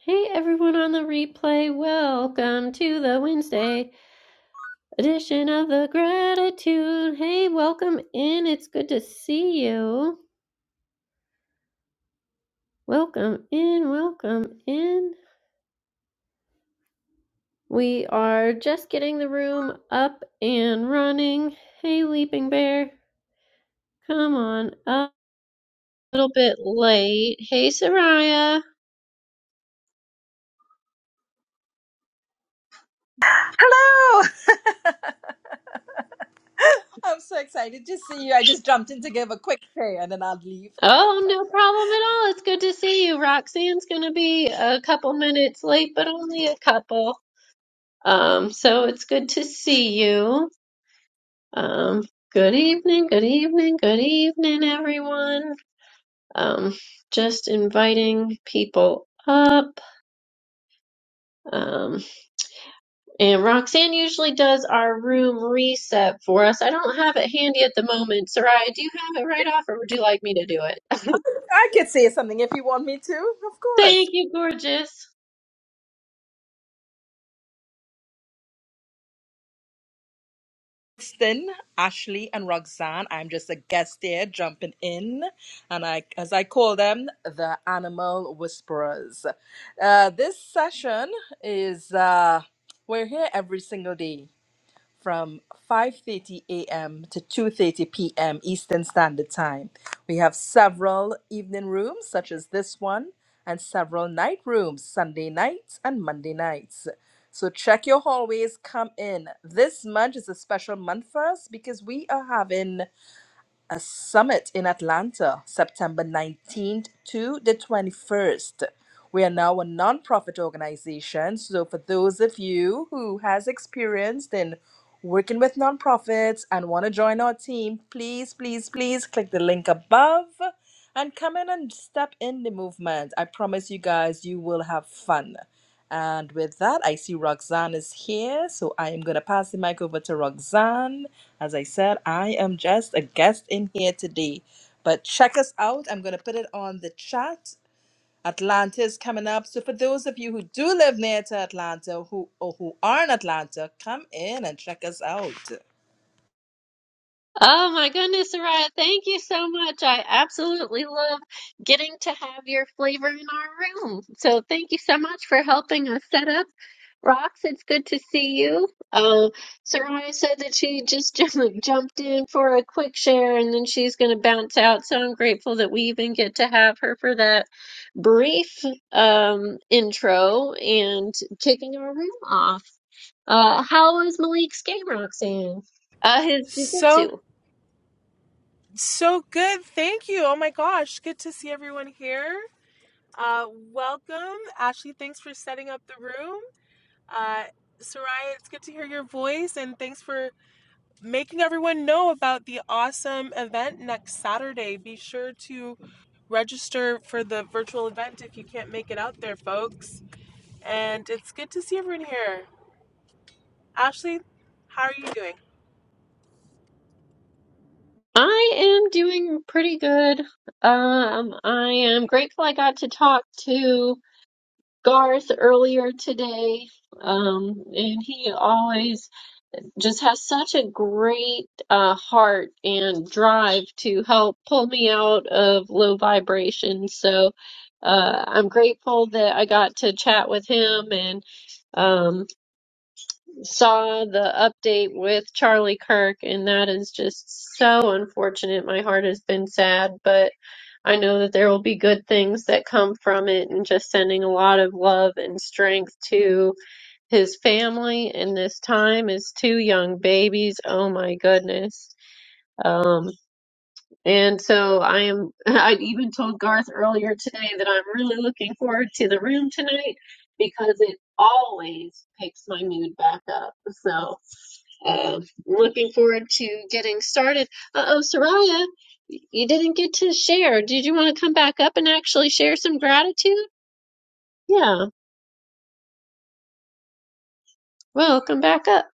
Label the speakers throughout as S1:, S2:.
S1: Hey everyone on the replay, welcome to the Wednesday edition of the gratitude. Hey, welcome in. It's good to see you. Welcome in, welcome in. We are just getting the room up and running. Hey, Leaping Bear, come on up. A little bit late. Hey, Soraya.
S2: Hello! I'm so excited to see you. I just jumped in to give a quick pay and then I'll leave.
S1: Oh, no problem at all. It's good to see you. Roxanne's going to be a couple minutes late, but only a couple. Um, so it's good to see you. Um, good evening, good evening, good evening, everyone. Um, just inviting people up. Um, and Roxanne usually does our room reset for us. I don't have it handy at the moment. Soraya, do you have it right off, or would you like me to do it?
S2: I could say something if you want me to, of course.
S1: Thank you, gorgeous.
S2: Kristen, Ashley, and Roxanne. I'm just a guest here jumping in, and I, as I call them, the animal whisperers. Uh, this session is uh, we're here every single day. from 5:30 a.m. to 2:30 p.m. Eastern Standard Time. We have several evening rooms such as this one and several night rooms Sunday nights and Monday nights. So check your hallways, come in. This month is a special month for us because we are having a summit in Atlanta, September 19th to the 21st. We are now a nonprofit organization, so for those of you who has experience in working with nonprofits and want to join our team, please, please, please click the link above and come in and step in the movement. I promise you guys, you will have fun. And with that, I see Roxanne is here, so I am going to pass the mic over to Roxanne. As I said, I am just a guest in here today. But check us out. I'm going to put it on the chat. Atlanta is coming up. So for those of you who do live near to Atlanta who or who are in Atlanta, come in and check us out.
S1: Oh my goodness, Soraya, thank you so much. I absolutely love getting to have your flavor in our room. So thank you so much for helping us set up. Rox, it's good to see you. Uh, Soraya said that she just ju- jumped in for a quick share and then she's going to bounce out. So I'm grateful that we even get to have her for that brief um, intro and kicking our room off. Uh, how is Malik's game, Roxanne? Uh, his
S3: So,
S1: jujitsu.
S3: so good. Thank you. Oh my gosh. Good to see everyone here. Uh, welcome. Ashley, thanks for setting up the room. Uh, Soraya, it's good to hear your voice and thanks for making everyone know about the awesome event next Saturday. Be sure to register for the virtual event if you can't make it out there, folks. And it's good to see everyone here. Ashley, how are you doing?
S1: I am doing pretty good. Um, I am grateful I got to talk to Garth earlier today. Um, and he always just has such a great uh, heart and drive to help pull me out of low vibration. So uh, I'm grateful that I got to chat with him and. um, saw the update with Charlie Kirk, and that is just so unfortunate. My heart has been sad, but I know that there will be good things that come from it, and just sending a lot of love and strength to his family in this time, his two young babies. Oh my goodness. Um, and so I am, I even told Garth earlier today that I'm really looking forward to the room tonight because it always picks my mood back up. So, uh, looking forward to getting started. Uh oh, Soraya, you didn't get to share. Did you want to come back up and actually share some gratitude? Yeah, well, come back up.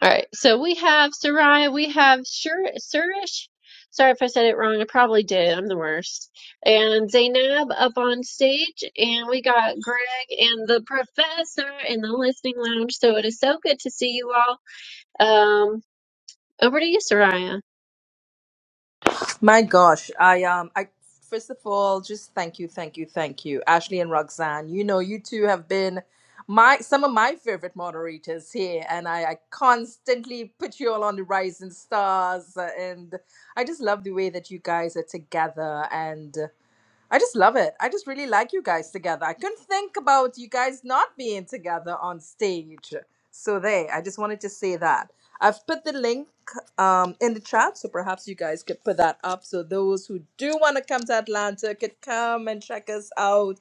S1: All right, so we have Soraya, we have Sur- Surish. Sorry if I said it wrong. I probably did. I'm the worst. And Zainab up on stage, and we got Greg and the professor in the listening lounge. So it is so good to see you all. Um, over to you, Soraya.
S2: My gosh, I um, I first of all just thank you, thank you, thank you, Ashley and Roxanne. You know, you two have been my some of my favorite moderators here, and I, I constantly put you all on the rising stars, uh, and I just love the way that you guys are together, and I just love it. I just really like you guys together. I couldn't think about you guys not being together on stage. So there, I just wanted to say that. I've put the link um, in the chat, so perhaps you guys could put that up so those who do want to come to Atlanta could come and check us out.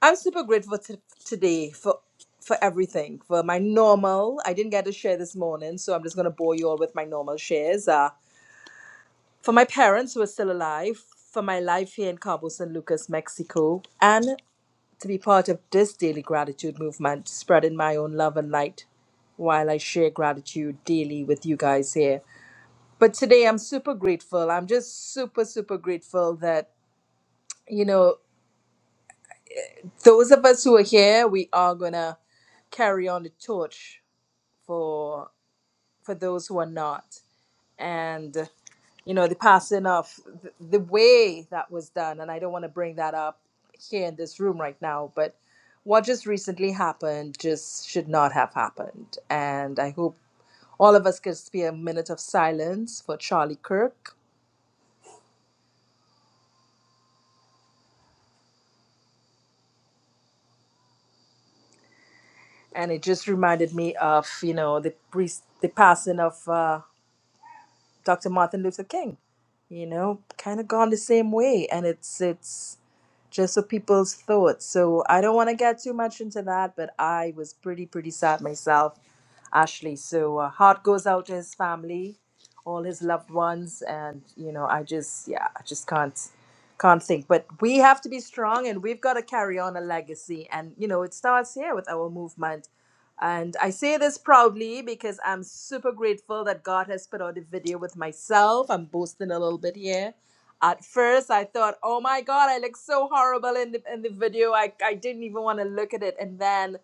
S2: I'm super grateful t- today for for everything, for my normal. I didn't get to share this morning, so I'm just going to bore you all with my normal shares. Uh, for my parents who are still alive, for my life here in Cabo San Lucas, Mexico, and to be part of this daily gratitude movement, spreading my own love and light while I share gratitude daily with you guys here. But today I'm super grateful. I'm just super, super grateful that, you know, those of us who are here, we are going to carry on the torch for for those who are not. And you know the passing of the, the way that was done and i don't want to bring that up here in this room right now but what just recently happened just should not have happened and i hope all of us could spare a minute of silence for charlie kirk and it just reminded me of you know the priest the passing of uh, dr martin luther king you know kind of gone the same way and it's it's just of people's thoughts. So I don't want to get too much into that, but I was pretty, pretty sad myself, Ashley. So uh, heart goes out to his family, all his loved ones, and you know, I just, yeah, I just can't, can't think. But we have to be strong, and we've got to carry on a legacy, and you know, it starts here with our movement. And I say this proudly because I'm super grateful that God has put out a video with myself. I'm boasting a little bit here at first, I thought, oh my God, I look so horrible in the, in the video. I, I didn't even want to look at it. And then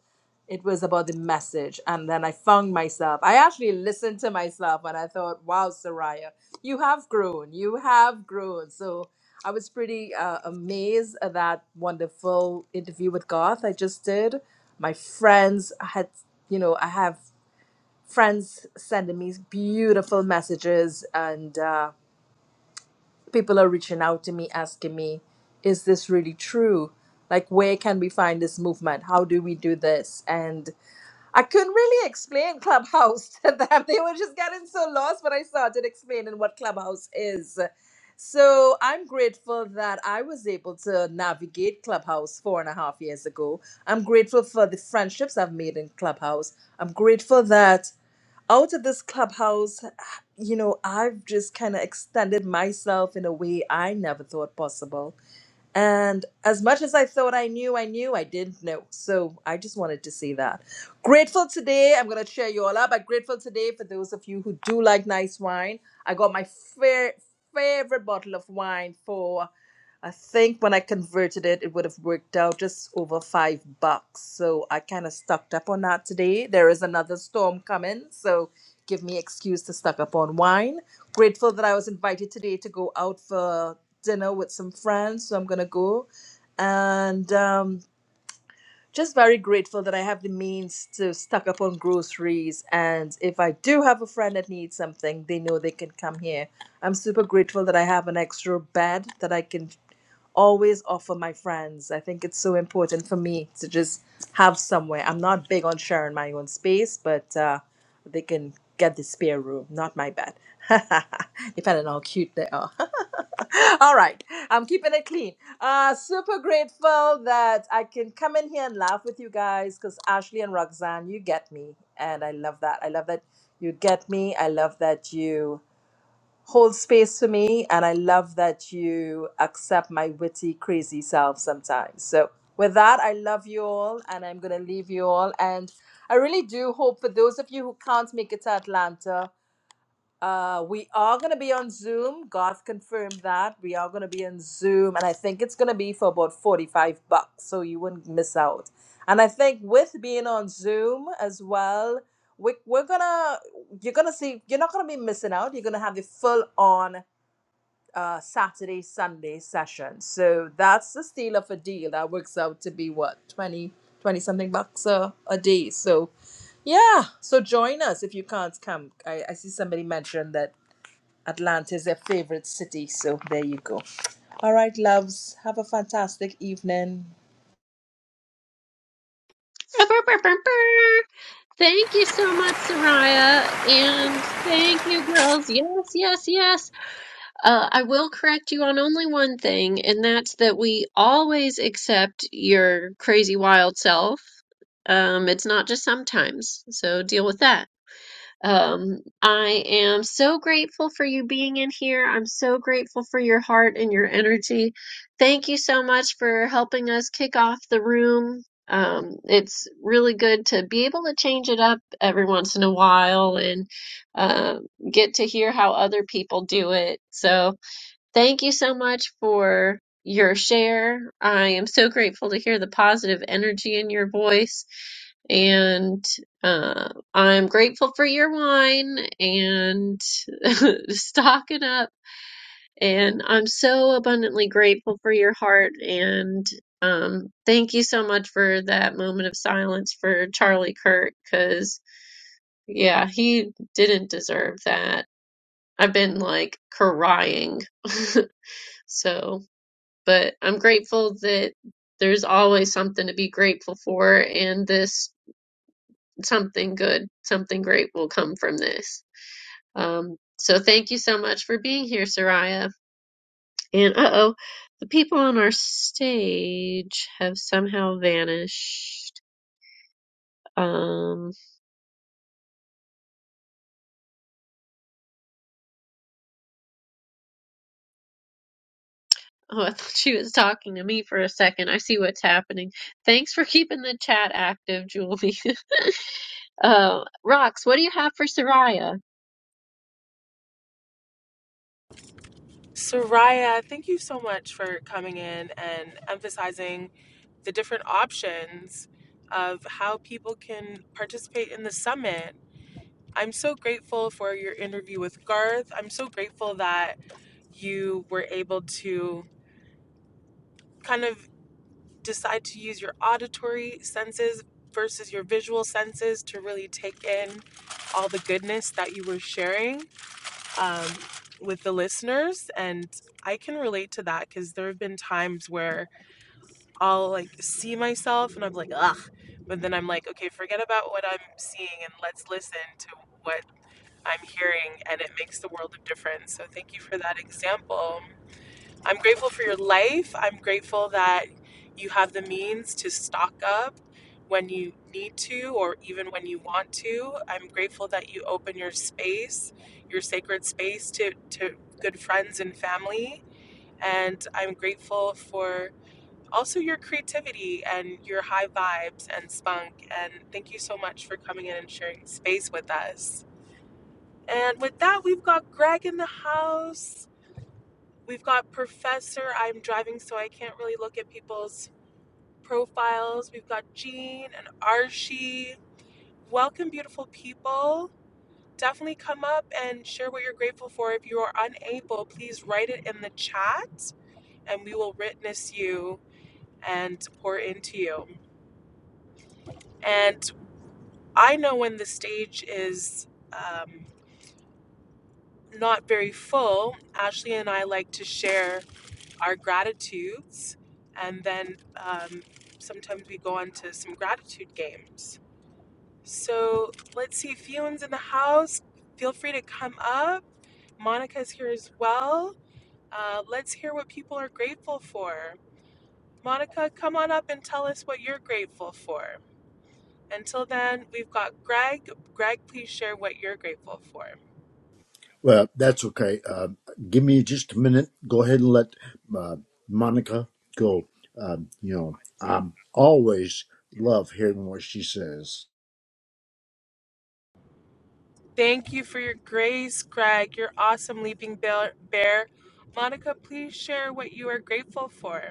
S2: it was about the message. And then I found myself. I actually listened to myself and I thought, wow, Soraya, you have grown. You have grown. So I was pretty uh, amazed at that wonderful interview with Garth I just did. My friends had, you know, I have friends sending me beautiful messages. And, uh, people are reaching out to me asking me, is this really true? Like, where can we find this movement? How do we do this? And I couldn't really explain Clubhouse to them. They were just getting so lost when I started explaining what Clubhouse is. So I'm grateful that I was able to navigate Clubhouse four and a half years ago. I'm grateful for the friendships I've made in Clubhouse. I'm grateful that out of this clubhouse, you know, I've just kind of extended myself in a way I never thought possible. And as much as I thought I knew, I knew I didn't know. So I just wanted to say that. Grateful today. I'm going to cheer you all up. I'm grateful today for those of you who do like nice wine. I got my fair, favorite bottle of wine for I think when I converted it, it would have worked out just over five bucks. So I kind of stocked up on that today. There is another storm coming, so give me excuse to stock up on wine. Grateful that I was invited today to go out for dinner with some friends, so I'm gonna go, and um, just very grateful that I have the means to stock up on groceries. And if I do have a friend that needs something, they know they can come here. I'm super grateful that I have an extra bed that I can always offer my friends. I think it's so important for me to just have somewhere. I'm not big on sharing my own space, but uh, they can get the spare room, not my bed. Depending on how cute they are. All right, I'm keeping it clean. Uh, super grateful that I can come in here and laugh with you guys because Ashley and Roxanne, you get me, and I love that. I love that you get me. I love that you hold space for me and i love that you accept my witty crazy self sometimes so with that i love you all and i'm going to leave you all and i really do hope for those of you who can't make it to atlanta uh, we are going to be on Zoom. Garth confirmed that. We are going to be on Zoom, and I think it's going to be for about 45 bucks, so you wouldn't miss out. And I think with being on Zoom as well, we, we're going to, you're going to see, you're not going to be missing out. You're going to have the full on uh, Saturday, Sunday session. So that's the steal of a deal. That works out to be what, 20 20 something bucks a, a day. So yeah, so join us if you can't come. I, I see somebody mentioned that Atlanta is their favorite city. So there you go. All right, loves. Have a fantastic evening.
S1: Thank you so much, Soraya, and thank you, girls. Yes, yes, yes. Uh, I will correct you on only one thing, and that's that we always accept your crazy wild self. Um, it's not just sometimes, so deal with that. Um, I am so grateful for you being in here. I'm so grateful for your heart and your energy. Thank you so much for helping us kick off the room. Um, it's really good to be able to change it up every once in a while and uh, get to hear how other people do it. So, Thank you so much for your share. I am so grateful to hear the positive energy in your voice. And uh, I'm grateful for your wine and stocking up. And I'm so abundantly grateful for your heart. And um, thank you so much for that moment of silence for Charlie Kirk, because, yeah, he didn't deserve that. I've been like crying. so but I'm grateful that there's always something to be grateful for, and this something good, something great will come from this. Um, so thank you so much for being here, Soraya. And uh oh, the people on our stage have somehow vanished. Um, oh, I thought she was talking to me for a second. I see what's happening. Thanks for keeping the chat active, Julie. uh, Rox, what do you have for Soraya?
S3: Soraya, thank you so much for coming in and emphasizing the different options of how people can participate in the summit. I'm so grateful for your interview with Garth. I'm so grateful that you were able to kind of decide to use your auditory senses versus your visual senses to really take in all the goodness that you were sharing. um, with the listeners and i can relate to that because there have been times where i'll like see myself and i'm like ugh but then i'm like okay forget about what i'm seeing and let's listen to what i'm hearing and it makes the world of difference so thank you for that example I'm grateful for your life. I'm grateful that you have the means to stock up when you need to or even when you want to. I'm grateful that you open your space, your sacred space to, to good friends and family. And I'm grateful for also your creativity and your high vibes and spunk. And thank you so much for coming in and sharing space with us. And with that, we've got Greg in the house. We've got Professor. I'm driving, so I can't really look at people's profiles. We've got Jean and Archie. Welcome, beautiful people. Definitely come up and share what you're grateful for. If you are unable, please write it in the chat and we will witness you and pour into you. And I know when the stage is um, not very full, Ashley and I like to share. our gratitudes, and then um, sometimes we go on to some gratitude games. So let's see, Fion's in the house. Feel free to come up. Monica's here as well. Uh, let's hear what people are grateful for. Monica, come on up and tell us what you're grateful for. Until then, we've got Greg. Greg, please share what you're grateful for.
S4: Well, that's okay. Uh, give me just a minute. Go ahead and let uh, Monica go. Um, you know, I'm always love hearing what she says.
S3: Thank you for your grace, Greg. Your awesome, Leaping Bear. Bear. Monica, please share what you are grateful for.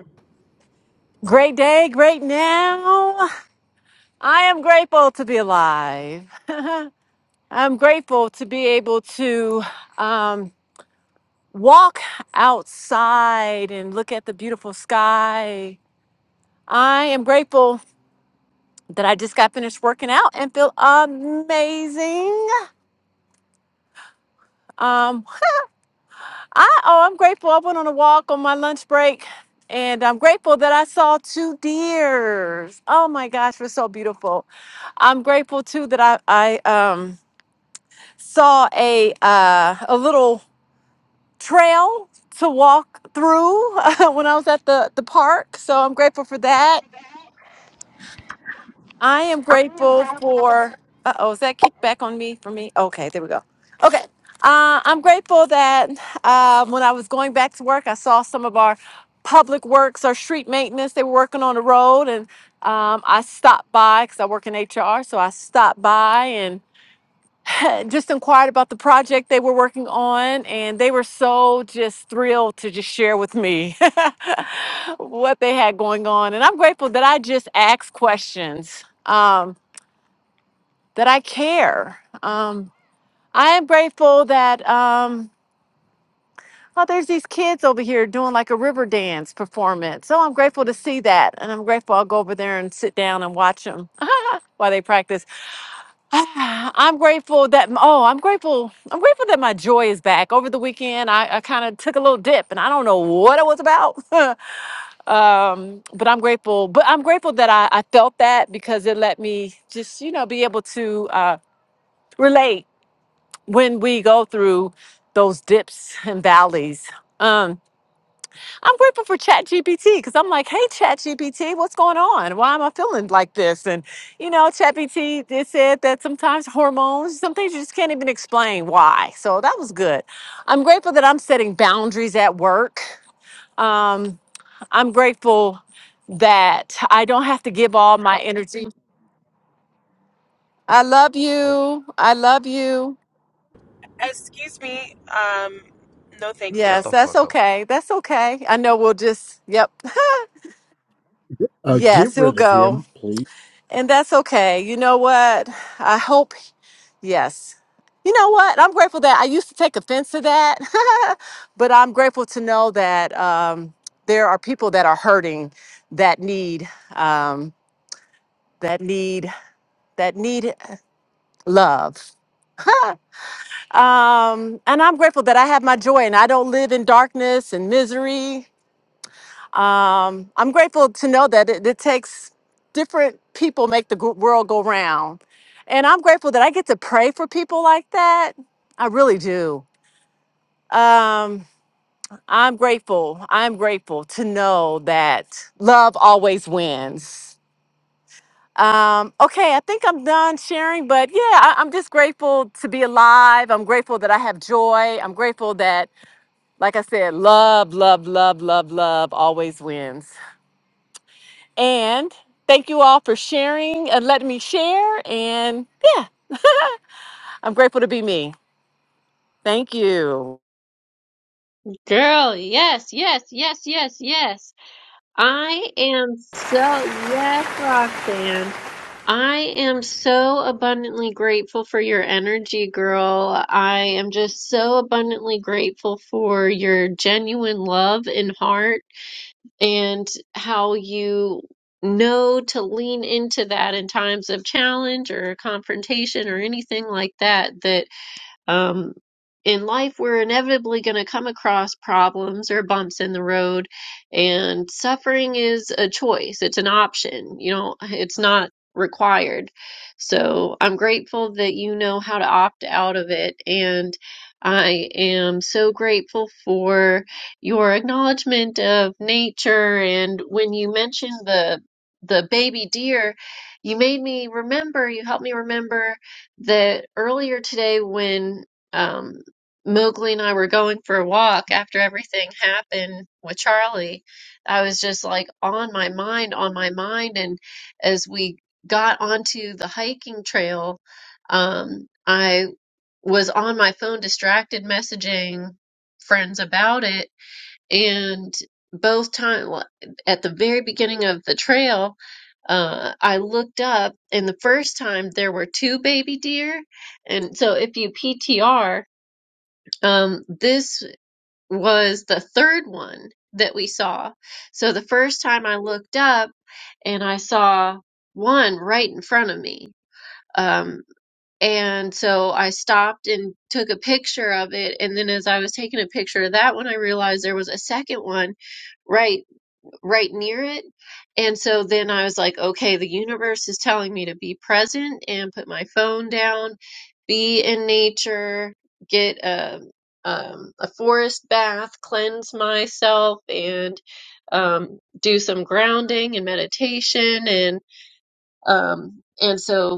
S5: Great day, great now. I am grateful to be alive. I'm grateful to be able to um, walk outside and look at the beautiful sky. I am grateful that I just got finished working out and feel amazing. Um, I oh, I'm grateful. I went on a walk on my lunch break, and I'm grateful that I saw two deers. Oh my gosh, they're so beautiful. I'm grateful too that I I um saw a uh, a little trail to walk through when I was at the the park. So I'm grateful for that. I am grateful for. Uh oh, is that kickback on me for me? Okay, there we go. Okay. Uh, I'm grateful that uh, when I was going back to work, I saw some of our public works or street maintenance. They were working on the road, and um, I stopped by because I work in HR. So I stopped by and. had just inquired about the project they were working on, and they were so just thrilled to just share with me what they had going on. And I'm grateful that I just ask questions, um, that I care. Um, I am grateful that. Um, Oh, there's these kids over here doing like a river dance performance. So I'm grateful to see that. And I'm grateful I'll go over there and sit down and watch them while they practice. Ah, I'm grateful that oh, I'm grateful. I'm grateful that my joy is back. Over the weekend, I, I kind of took a little dip, and I don't know what it was about. um, but I'm grateful. But I'm grateful that I, I felt that because it let me just you know be able to uh, relate when we go through those dips and valleys. Um, I'm grateful for ChatGPT because I'm like, hey, ChatGPT, what's going on? Why am I feeling like this? And, you know, ChatGPT it said that sometimes hormones, some things you just can't even explain why. So that was good. I'm grateful that I'm setting boundaries at work. Um, I'm grateful that I don't have to give all my energy. I love you. I love you.
S3: Excuse me. Um, no, thank you.
S6: Shut
S5: Yes,
S6: the
S5: that's
S6: fuck up.
S5: okay. That's okay. I know we'll just, yep.
S4: Uh,
S5: Yes,
S4: get
S5: he'll
S4: rid of
S5: go.
S4: him, please.
S5: And that's okay. You know what? I hope, yes. You know what? I'm grateful that I used to take offense to that, but I'm grateful to know that um, there are people that are hurting that need, um, that need, that need love. Um, and I'm grateful that I have my joy and I don't live in darkness and misery. um, I'm grateful to know that it, it takes different people make the gr- world go round, and I'm grateful that I get to pray for people like that. I really do. Um, I'm grateful. I'm grateful to know that love always wins. Um, okay, I think I'm done sharing, but yeah, I, I'm just grateful to be alive. I'm grateful that I have joy. I'm grateful that, like I said, love, love, love, love, love always wins. And thank you all for sharing and letting me share. And yeah, I'm grateful to be me. Thank you.
S1: Girl, yes, yes, yes, yes, yes. I am so, yes, Roxanne. I am so abundantly grateful for your energy, girl. I am just so abundantly grateful for your genuine love and heart and how you know to lean into that in times of challenge or confrontation or anything like that. That um, in life, we're inevitably going to come across problems or bumps in the road, and suffering is a choice. It's an option. You know, it's not required. So I'm grateful that you know how to opt out of it. And I am so grateful for your acknowledgement of nature. And when you mentioned the the baby deer, you made me remember, you helped me remember that earlier today when um, Mowgli and I were going for a walk after everything happened with Charlie, I was just like on my mind, on my mind. And as we got onto the hiking trail, um, I was on my phone, distracted, messaging friends about it and both time at the very beginning of the trail, uh, I looked up, and the first time there were two baby deer. And so if you PTR, um, this was the third one that we saw. So the first time I looked up, and I saw one right in front of me. Um, and so I stopped and took a picture of it. And then as I was taking a picture of that one, I realized there was a second one right right near it. And so then I was like, okay, the universe is telling me to be present and put my phone down, be in nature, get a um, a forest bath, cleanse myself, and um, do some grounding and meditation, and um, and so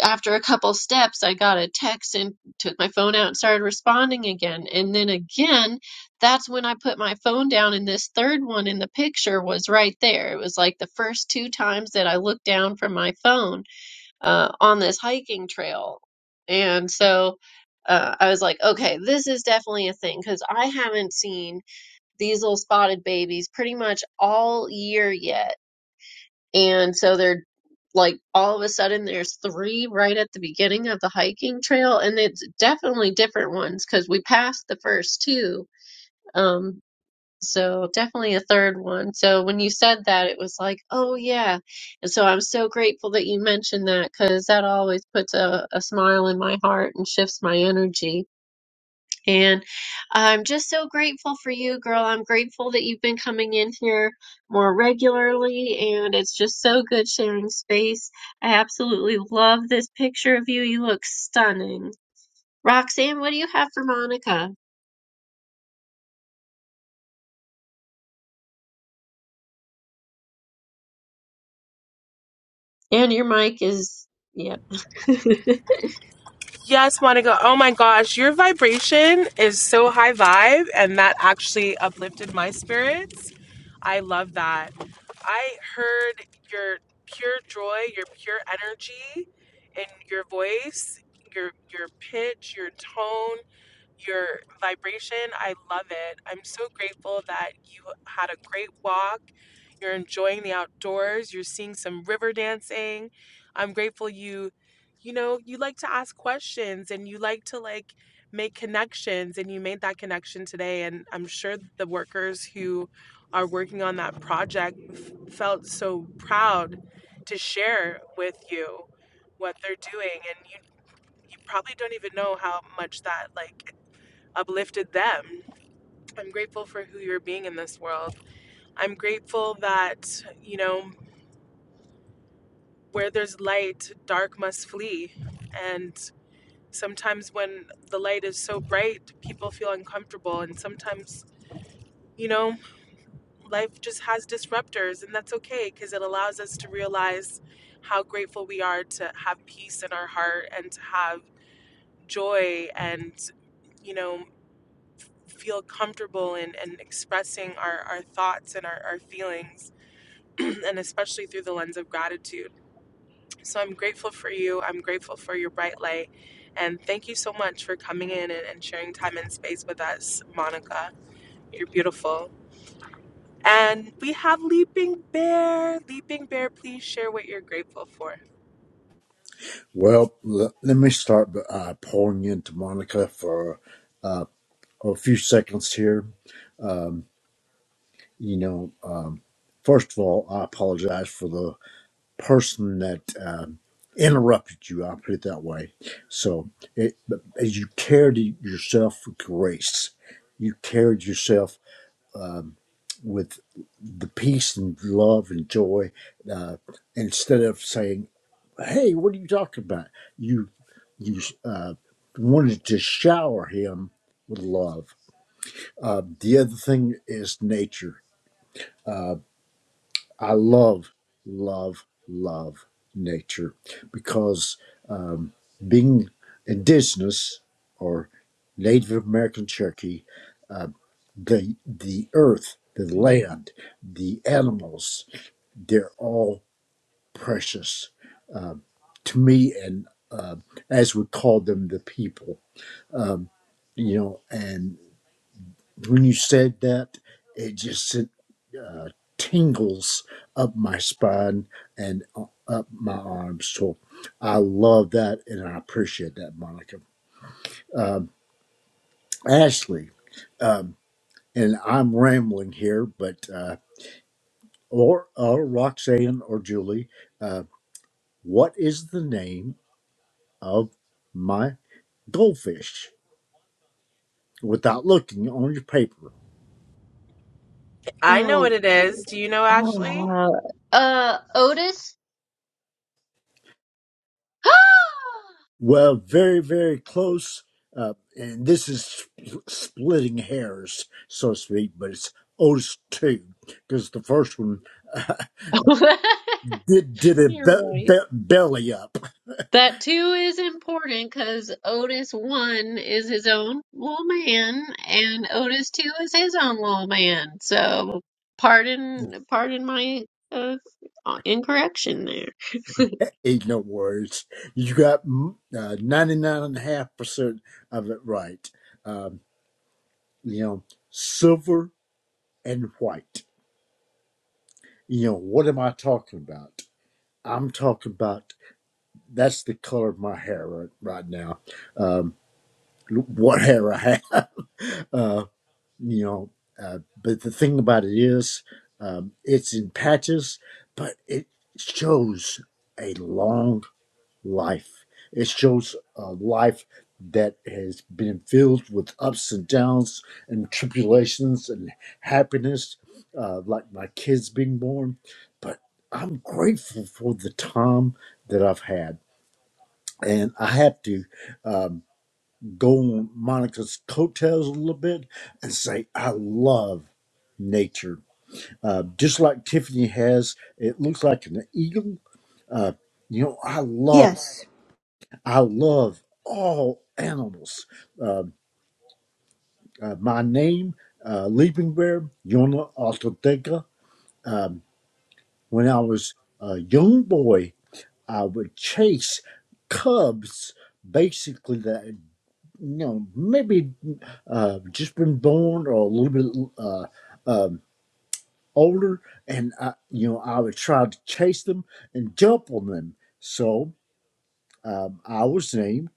S1: after a couple steps, I got a text and took my phone out and started responding again. And then again, that's when I put my phone down, and this third one in the picture was right there. It was like the first two times that I looked down from my phone uh, on this hiking trail. And so uh, I was like, okay, this is definitely a thing because I haven't seen these little spotted babies pretty much all year yet and so they're like all of a sudden there's three right at the beginning of the hiking trail and it's definitely different ones because we passed the first two. Um so definitely a third one. So when you said that it was like, oh yeah. And so I'm so grateful that you mentioned that because that always puts a, a smile in my heart and shifts my energy and I'm just so grateful for you, girl. I'm grateful that you've been coming in here more regularly, and it's just so good sharing space. I absolutely love this picture of you. You look stunning. Roxanne, what do you have for Monica? And your mic is, yep.
S3: Yes, Monica. Oh my gosh, your vibration is so high vibe, and that actually uplifted my spirits. I love that. I heard your pure joy, your pure energy, in your voice, your your pitch, your tone. your vibration. I love it. I'm so grateful that you had a great walk. You're enjoying the outdoors. You're seeing some river dancing. I'm grateful you, you know, you like to ask questions and you like to like make connections and you made that connection today and I'm sure the workers who are working on that project f- felt so proud to share with you what they're doing and you you probably don't even know how much that like uplifted them. I'm grateful for who you're being in this world. I'm grateful that, you know, where there's light, dark must flee. And sometimes when the light is so bright, people feel uncomfortable. And sometimes, you know, life just has disruptors, and that's okay because it allows us to realize how grateful we are to have peace in our heart and to have joy and, you know, feel comfortable in, in expressing our, our thoughts and our, our feelings and especially through the lens of gratitude. So I'm grateful for you. I'm grateful for your bright light. And thank you so much for coming in and, and sharing time and space with us, Monica. You're beautiful. And we have Leaping Bear. Leaping Bear, please share what you're grateful for.
S4: Well, l- let me start by, uh, pouring into Monica for uh, a few seconds here. Um, you know, um, first of all, I apologize for the person that um, interrupted you. I'll put it that way. So, it, but as you carried yourself with grace, you carried yourself um, with the peace and love and joy. Uh, instead of saying, "Hey, what are you talking about?" you you uh, wanted to shower him with love. Uh, the other thing is nature. Uh, I love, love, love nature because um, being indigenous or Native American Cherokee, uh, the the earth, the land, the animals, they're all precious um, to me, and um as we call them, the people. Um, you know, and when you said that, it just sent uh, tingles up my spine and u- up my arms. So I love that and I appreciate that, Monica. Um, Ashley, um, and I'm rambling here, but uh, or, or Roxanne or Julie, uh, what is the name of my goldfish? Without looking on your paper,
S3: I know
S1: oh,
S3: what it is. Do you know, Ashley?
S1: oh, uh, Otis?
S4: Well, very, very close. Uh, and this is sp- splitting hairs, so to speak, but it's Otis 2, because the first one did, did a
S1: You're
S4: be-
S1: right.
S4: be- belly up.
S1: That too is important because Otis one is his own little man, and Otis two is his own little man. So pardon, pardon my uh, incorrection there.
S4: Ain't no words, you got mm, uh, 99.5% of it right. Um, you know, silver and white. You know, what am I talking about? I'm talking about that's the color of my hair right, right now. Um, whatever I have. Uh, you know, uh, but the thing about it is, um, it's in patches, but it shows a long life. It shows a life that has been filled with ups and downs and tribulations and happiness, uh, like my kids being born. But I'm grateful for the time that I've had. And I have to. um, go on Monica's coattails a little bit and say, I love nature. Uh, just like Tiffany has, it looks like an eagle. Uh, you know, I love,
S7: Yes.
S4: I love all animals. Uh, uh, my name, uh, Leaping Bear, Yona Altoteca. Um, when I was a young boy, I would chase cubs basically that you know, maybe uh, just been born or a little bit uh, um, older, and I, you know, I would try to chase them and jump on them. So um, I was named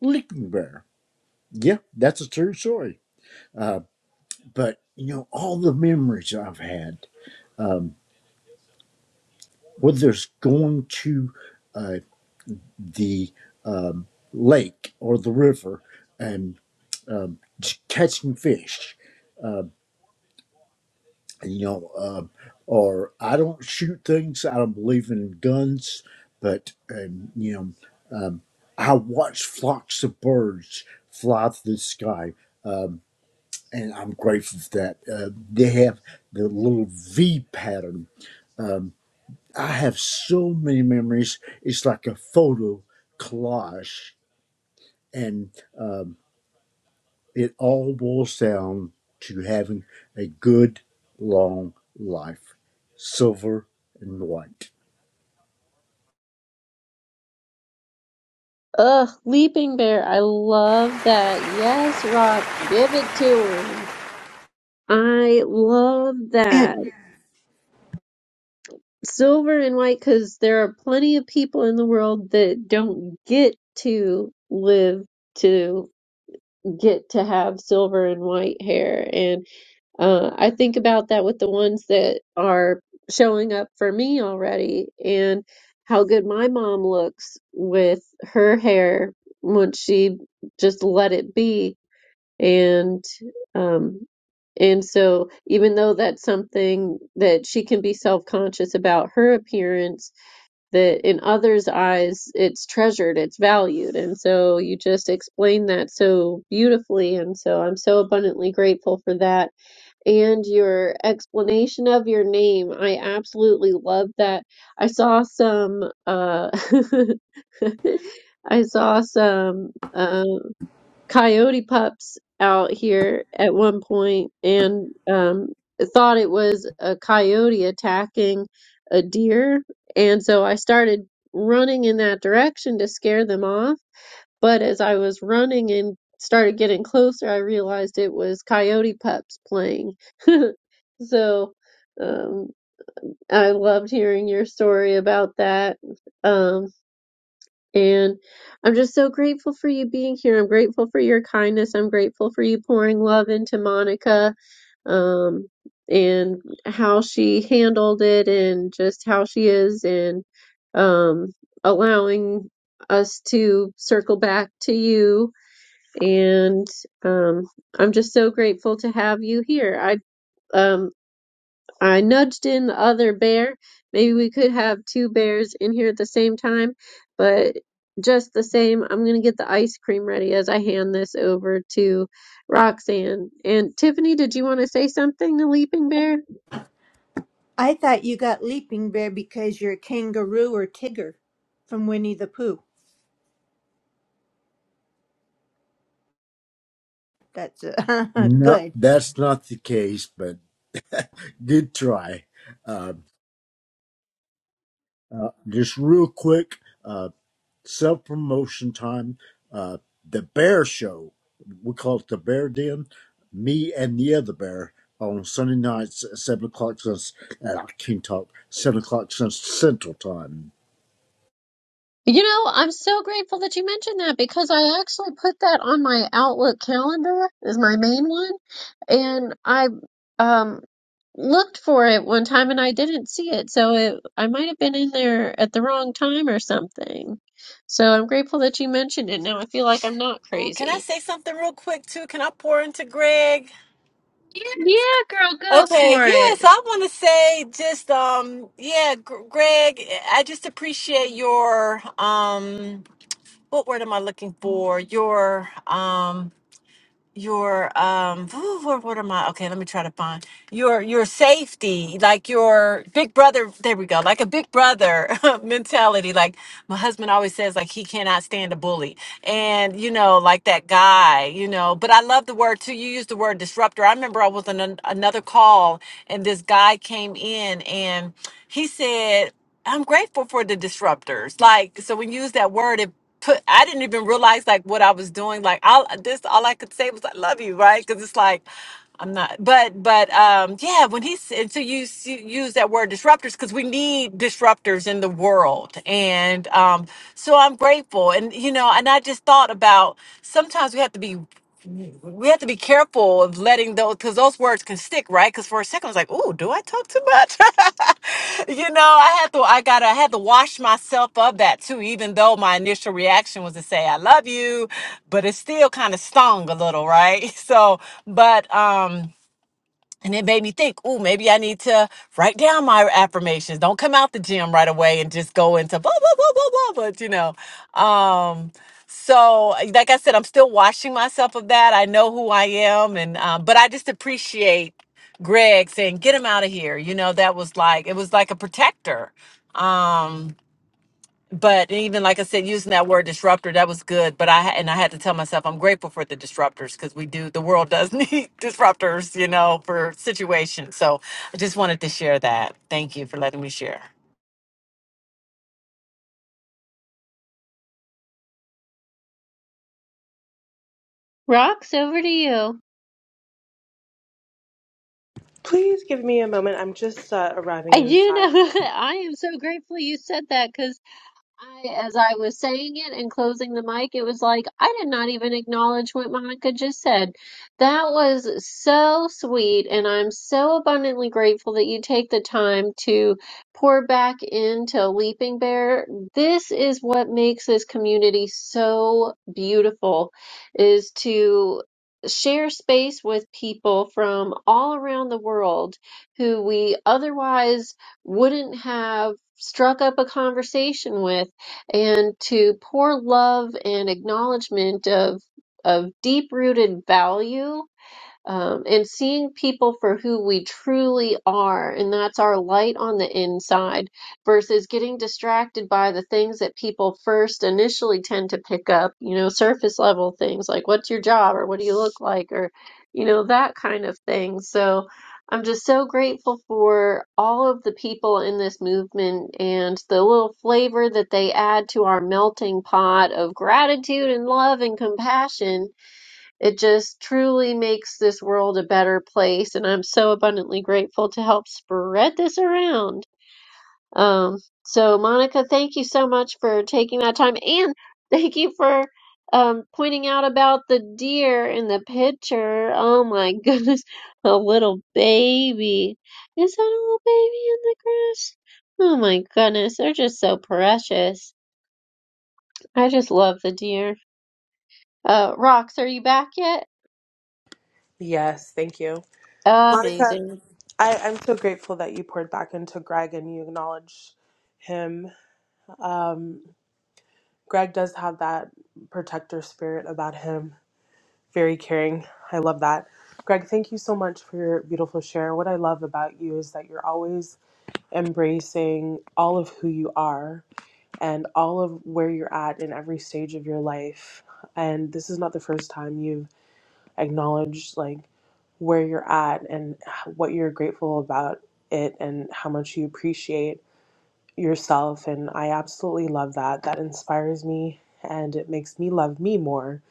S4: Licking Bear. Yeah, that's a true story. Uh, but you know, all the memories I've had, um, whether it's going to uh, the um, lake or the river and um, just catching fish uh, you know, um, or I don't shoot things. I don't believe in guns, but um, you know, um, I watch flocks of birds fly through the sky, um, and I'm grateful for that. Uh, they have the little V pattern. Um, I have so many memories. It's like a photo collage, and um, it all boils down to having a good long life, silver and white.
S1: Ugh, Leaping Bear, I love that. Yes, Rock, give it to him. I love
S7: And
S1: that. Silver and white, because there are plenty of people in the world that don't get to live. to. get to have silver and white hair. And uh, I think about that with the ones that are showing up for me already and how good my mom looks with her hair once she just let it be. And, um, and so even though that's something that she can be self-conscious about her appearance, that in others' eyes it's treasured, it's valued. And so you just explained that so beautifully. And so I'm so abundantly grateful for that. And your explanation of your name, I absolutely love that. I saw some, uh, I saw some. um, coyote pups out here at one point and um, thought it was a coyote attacking a deer. And so I started running in that direction to scare them off. But as I was running and started getting closer, I realized it was coyote pups playing. so um, I loved hearing your story about that. Um, and I'm just so grateful for you being here. I'm grateful for your kindness. I'm grateful for you pouring love into Monica um, and how she handled it and just how she is and um, allowing us to circle back to you. And um, I'm just so grateful to have you here. I um, I nudged in the other bear. Maybe we could have two bears in here at the same time, but just the same, I'm going to get the ice cream ready as I hand this over to Roxanne. And Tiffany, did you want to say something to Leaping Bear?
S7: I thought you got Leaping Bear because you're a kangaroo or tiger from Winnie the Pooh. That's uh,
S4: No,
S7: good.
S4: that's not the case, but good try. Uh, uh, just real quick, uh, self promotion time. Uh, the Bear Show, we call it the Bear Den. Me and the other bear on Sunday nights at seven o'clock since. And I can't talk seven o'clock since Central Time.
S1: You know, I'm so grateful that you mentioned that because I actually put that on my Outlook calendar is my main one, and I um looked for it one time and I didn't see it, so it I might have been in there at the wrong time or something. So I'm grateful that you mentioned it. Now I feel like I'm not
S5: Oh, can I
S1: crazy.
S5: say something real quick too? Can I pour into Greg?
S1: Yeah, girl, go
S5: Okay,
S1: for it.
S5: yes, I want to say just um yeah, Gr- Greg, I just appreciate your um what word am I looking for? Your um your um what, what am i okay let me try to find your your safety like your big brother there we go like a big brother mentality like my husband always says like he cannot stand a bully and you know like that guy you know but i love the word too you used the word disruptor i remember i was on an, another call and this guy came in and he said i'm grateful for the disruptors like so when you use that word it put I didn't even realize like what I was doing. Like all this all I could say was I love you, right? Because it's like I'm not but but um yeah when he said so you s- you use that word disruptors because we need disruptors in the world and um so I'm grateful and you know and I just thought about sometimes we have to be we have to be careful of letting those because those words can stick, right? Because for a second I was like, "Ooh, do I talk too much?" you know, I had to, I got, to I had to wash myself of that too. Even though my initial reaction was to say "I love you," but it still kind of stung a little, right? So, but um. And it made me think, oh, maybe I need to write down my affirmations. Don't come out the gym right away and just go into blah, blah, blah, blah, blah, but you know. Um, so like I said, I'm still washing myself of that. I know who I am. And, um, but I just appreciate Greg saying, get him out of here. You know, that was like, it was like a protector. Um, but even like I said, using that word disruptor, that was good. But I ha- and I had to tell myself I'm grateful for the disruptors because we do the world does need disruptors, you know, for situations. So I just wanted to share that. Thank you for letting me share.
S1: Rocks over to you.
S3: Please give me a moment. I'm just uh, arriving
S1: I do
S3: inside.
S1: know I am so grateful you said that 'cause I, as I was saying it and closing the mic, it was like I did not even acknowledge what Monica just said. That was so sweet, and I'm so abundantly grateful that you take the time to pour back into Leaping Bear. This is what makes this community so beautiful, is to share space with people from all around the world who we otherwise wouldn't have struck up a conversation with and to pour love and acknowledgement of of deep rooted value um, and seeing people for who we truly are, and that's our light on the inside, versus getting distracted by the things that people first initially tend to pick up, you know, surface level things like what's your job or what do you look like or, you know, that kind of thing. So I'm just so grateful for all of the people in this movement and the little flavor that they add to our melting pot of gratitude and love and compassion it just truly makes this world a better place, and I'm so abundantly grateful to help spread this around. Um, so, Monica, thank you so much for taking that time, and thank you for um, pointing out about the deer in the picture. Oh my goodness, a little baby. Is that a little baby in the grass? Oh my goodness, they're just so precious. I just love the deer. Uh, Rox, are you back yet?
S3: Yes, thank you. Monica,
S1: Amazing.
S3: I, I'm so grateful that you poured back into Greg and you acknowledge him. Greg does have that protector spirit about him, very caring. I love that. Greg, thank you so much for your beautiful share. What I love about you is that you're always embracing all of who you are and all of where you're at in every stage of your life. And this is not the first time you've acknowledged like where you're at and what you're grateful about it and how much you appreciate yourself. And I absolutely love that. That inspires me and it makes me love me more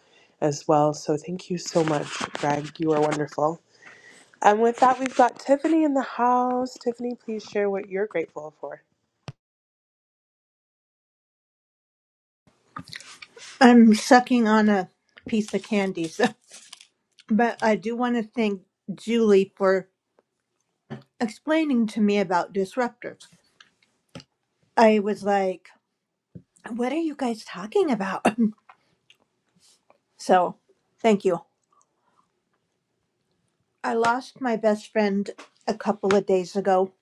S3: as well. So thank you so much, Greg. You are wonderful. And with that, we've got Tiffany in the house. Tiffany, please share what you're grateful for.
S7: I'm sucking on a piece of candy. So. But I do want to thank Julie for explaining to me about disruptors. I was like, what are you guys talking about? so thank you. I lost my best friend a couple of days ago.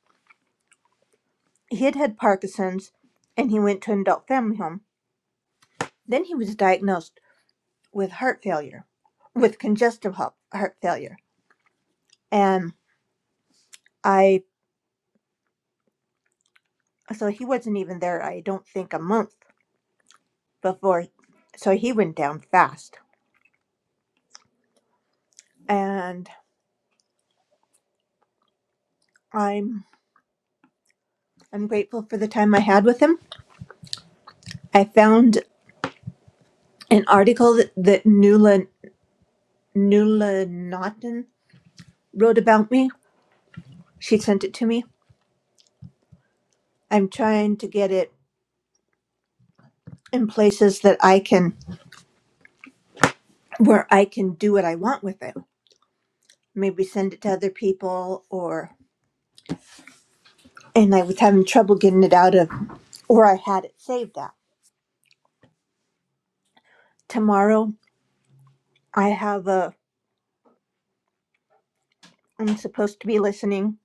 S7: He had had Parkinson's and he went to an adult family home. Then he was diagnosed with heart failure, with congestive heart failure. And I, so he wasn't even there, I don't think a month before. So he went down fast. And I'm, I'm grateful for the time I had with him. I found an article that, that Nuala, Nuala Naughton wrote about me. She sent it to me. I'm trying to get it in places that I can, where I can do what I want with it. Maybe send it to other people or and I was having trouble getting it out of where I had it saved at. Tomorrow, I have a, I'm supposed to be listening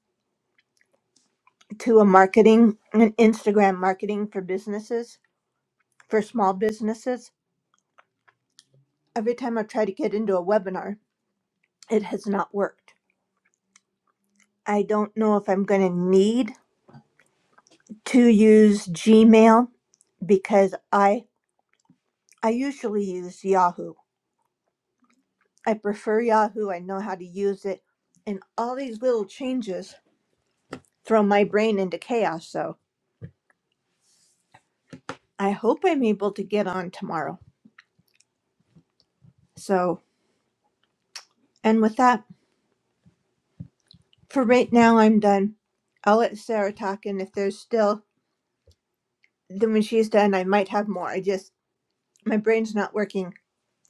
S7: to a marketing, an Instagram marketing for businesses, for small businesses. Every time I try to get into a webinar, it has not worked. I don't know if I'm going to need to use Gmail because I, I usually use Yahoo. I prefer Yahoo. I know how to use it. And all these little changes throw my brain into chaos. So I hope I'm able to get on tomorrow. So, and with that, for right now, I'm done. I'll let Sarah talk, and if there's still, then when she's done, I might have more. I just, my brain's not working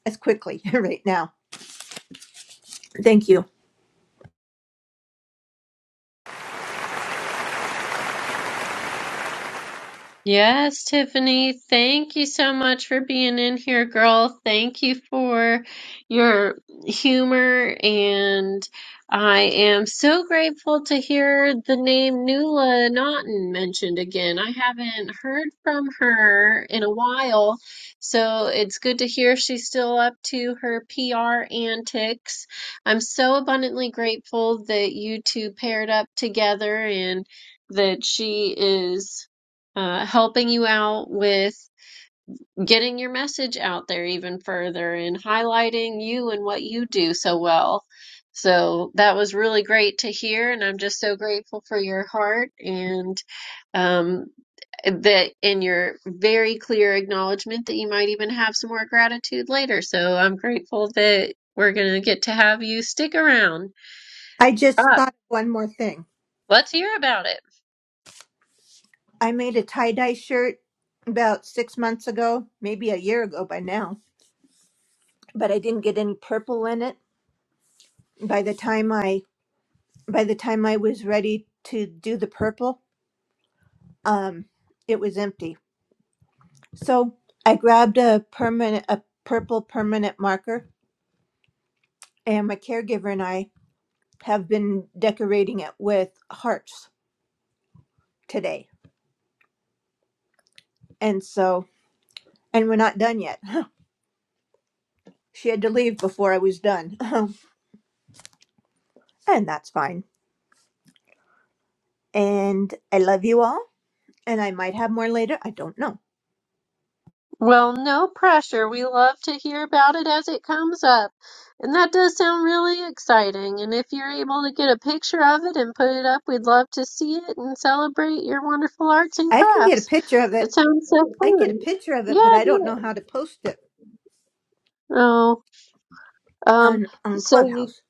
S7: as quickly right now. Thank you.
S1: Yes, Tiffany, thank you so much for being in here, girl. Thank you for your humor, and I am so grateful to hear the name Nuala Naughton mentioned again. I haven't heard from her in a while, so it's good to hear she's still up to her PR antics. I'm so abundantly grateful that you two paired up together and that she is uh, helping you out with getting your message out there even further and highlighting you and what you do so well. So that was really great to hear, and I'm just so grateful for your heart and um, that in your very clear acknowledgement that you might even have some more gratitude later. So I'm grateful that we're going to get to have you stick around.
S7: I just
S1: Rock,
S7: thought of one more thing.
S1: let's hear about it.
S7: I made a tie dye shirt about six months ago, maybe a year ago by now, but I didn't get any purple in it. By the time I, by the time I was ready to do the purple, um, it was empty So I grabbed a permanent, a purple permanent marker, and my caregiver and I have been decorating it with hearts today. And so, and we're not done yet. She had to leave before I was done, and that's fine. And I love you all, and I might have more later. I don't know.
S1: Well, no pressure. We love to hear about it as it comes up. And that does sound really exciting. And if you're able to get a picture of it and put it up, we'd love to see it and celebrate your wonderful arts and
S7: I can get a
S1: crafts.
S7: picture of
S1: That
S7: it.
S1: sounds so
S7: I can get a
S1: fun.
S7: picture of it, but
S1: Yeah,
S7: I don't
S1: do
S7: know how
S1: it.
S7: to post it
S1: Oh, um,
S7: on on
S1: so you,
S7: Clubhouse.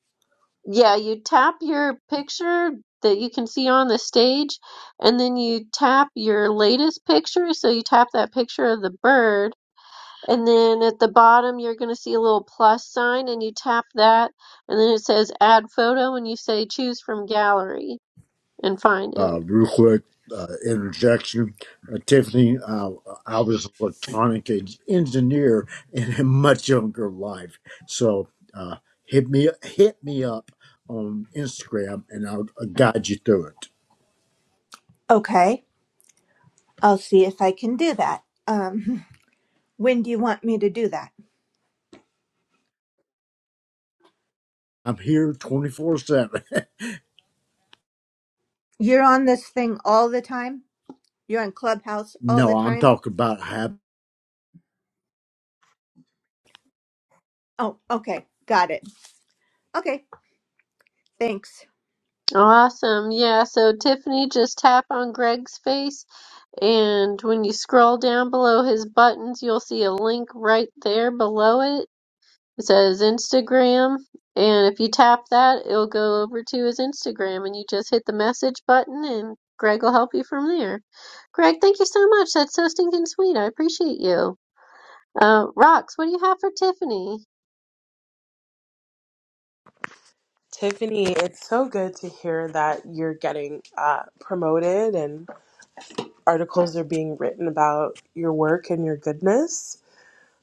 S1: yeah, you tap your picture that you can see on the stage, and then you tap your latest picture. So you tap that picture of the bird And then at the bottom, you're going to see a little plus sign, and you tap that. And then it says add photo, and you say choose from gallery and find it.
S4: uh, real quick uh, interjection. Uh, Tiffany, uh, I was an electronic en- engineer in a much younger life, so uh, hit me hit me up on Instagram, and I'll, I'll guide you through it.
S7: Okay, I'll see if I can do that. Um, when do you want me to do that?
S4: I'm here twenty four seven.
S7: You're on this thing all the time? You're on Clubhouse all the
S4: No, I'm
S7: time?
S4: talking about how
S7: Oh, okay. Got it. Okay. Thanks.
S1: Awesome. Yeah. So, Tiffany, just tap on Greg's face. And when you scroll down below his buttons, you'll see a link right there below it. It says Instagram, and if you tap that, it'll go over to his Instagram, and you just hit the message button, and Greg will help you from there. Greg, thank you so much. That's so stinking sweet. I appreciate you. Uh, Rox, what do you have for Tiffany?
S3: Tiffany, it's so good to hear that you're getting uh, promoted and articles are being written about your work and your goodness.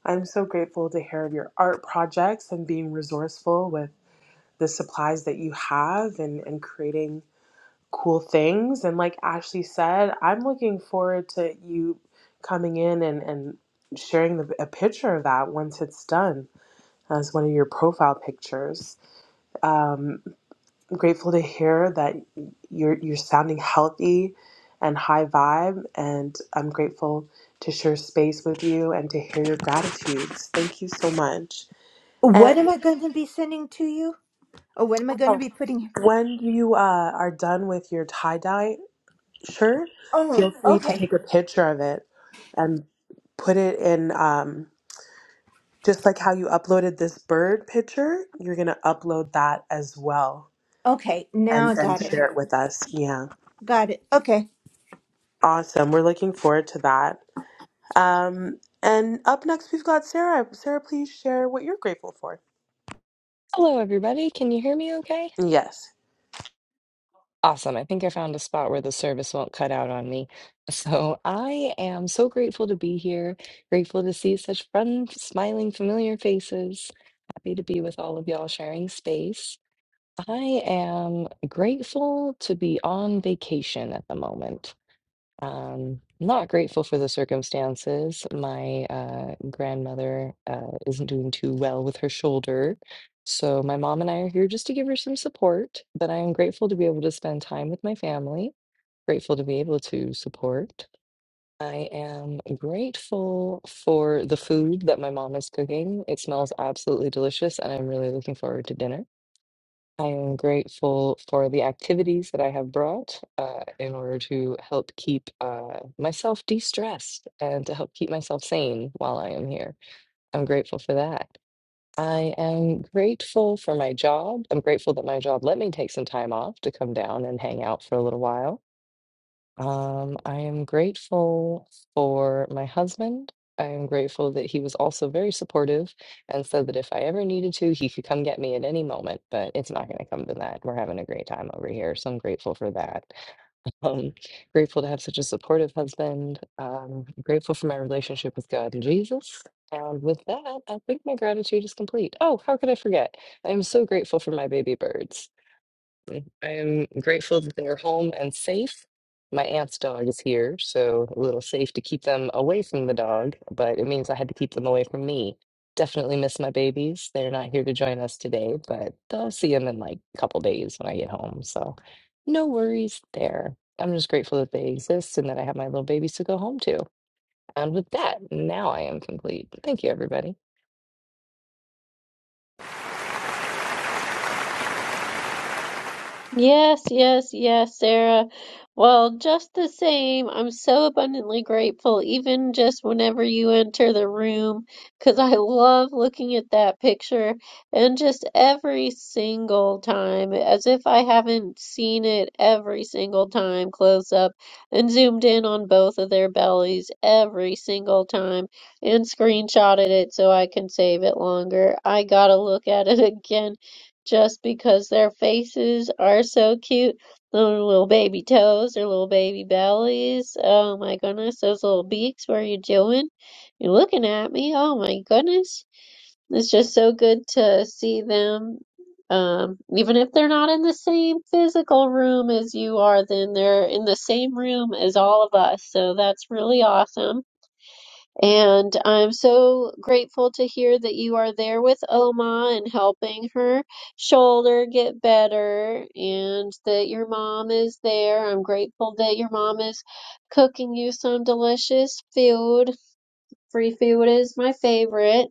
S3: I'm so grateful to hear of your art projects and being resourceful with the supplies that you have and, and creating cool things. And like Ashley said, I'm looking forward to you coming in and, and sharing the, a picture of that once it's done as one of your profile pictures. Um, grateful to hear that you're you're sounding healthy and high vibe, and I'm grateful to share space with you and to hear your gratitudes. Thank you so much. And
S7: What am I going to be sending to you? Or what am I going to
S3: oh,
S7: be putting?
S3: when you uh, are done with your tie dye Sure.
S7: Oh,
S3: Feel free to
S7: okay.
S3: take a picture of it and put it in, um, just like how you uploaded this bird picture, you're going to upload that as well
S7: Okay. Now I
S3: and then
S7: got it.
S3: share it with us. Yeah.
S7: Got it. Okay.
S3: Awesome. We're looking forward to that. Um, and up next, we've got Sarah. Sarah, please share what you're grateful for.
S8: Hello, everybody. Can you hear me okay?
S3: Yes.
S8: Awesome. I think I found a spot where the service won't cut out on me. So I am so grateful to be here, grateful to see such fun, smiling, familiar faces. Happy to be with all of y'all sharing space. I am grateful to be on vacation at the moment. Um, not grateful for the circumstances. My uh, grandmother uh, isn't doing too well with her shoulder. So my mom and I are here just to give her some support, but I am grateful to be able to spend time with my family, grateful to be able to support. I am grateful for the food that my mom is cooking. It smells absolutely delicious, and I'm really looking forward to dinner. I am grateful for the activities that I have brought uh, in order to help keep uh, myself de-stressed and to help keep myself sane while I am here. I'm grateful for that. I am grateful for my job. I'm grateful that my job let me take some time off to come down and hang out for a little while. Um, I am grateful for my husband. I am grateful that he was also very supportive and said that if I ever needed to, he could come get me at any moment, but it's not going to come to that. We're having a great time over here. So I'm grateful for that. Um, grateful to have such a supportive husband. Um, grateful for my relationship with God and Jesus. And with that, I think my gratitude is complete. Oh, how could I forget? I am so grateful for my baby birds. I am grateful that they're home and safe. My aunt's dog is here, so a little safe to keep them away from the dog, but it means I had to keep them away from me. Definitely miss my babies. They're not here to join us today, but I'll see them in like a couple days when I get home. So no worries there. I'm just grateful that they exist and that I have my little babies to go home to. And with that, now I am complete. Thank you, everybody.
S1: Yes, yes, yes, Sarah. Well, just the same, I'm so abundantly grateful, even just whenever you enter the room, because I love looking at that picture and just every single time, as if I haven't seen it every single time close up and zoomed in on both of their bellies every single time and screenshotted it so I can save it longer. I gotta look at it again just because their faces are so cute. Little, little baby toes, their little baby bellies. Oh my goodness, those little beaks. What are you doing? You're looking at me. Oh my goodness. It's just so good to see them. Um, even if they're not in the same physical room as you are, then they're in the same room as all of us. So that's really awesome and I'm so grateful to hear that you are there with Oma and helping her shoulder get better, and that your mom is there. I'm grateful that your mom is cooking you some delicious food. Free food is my favorite.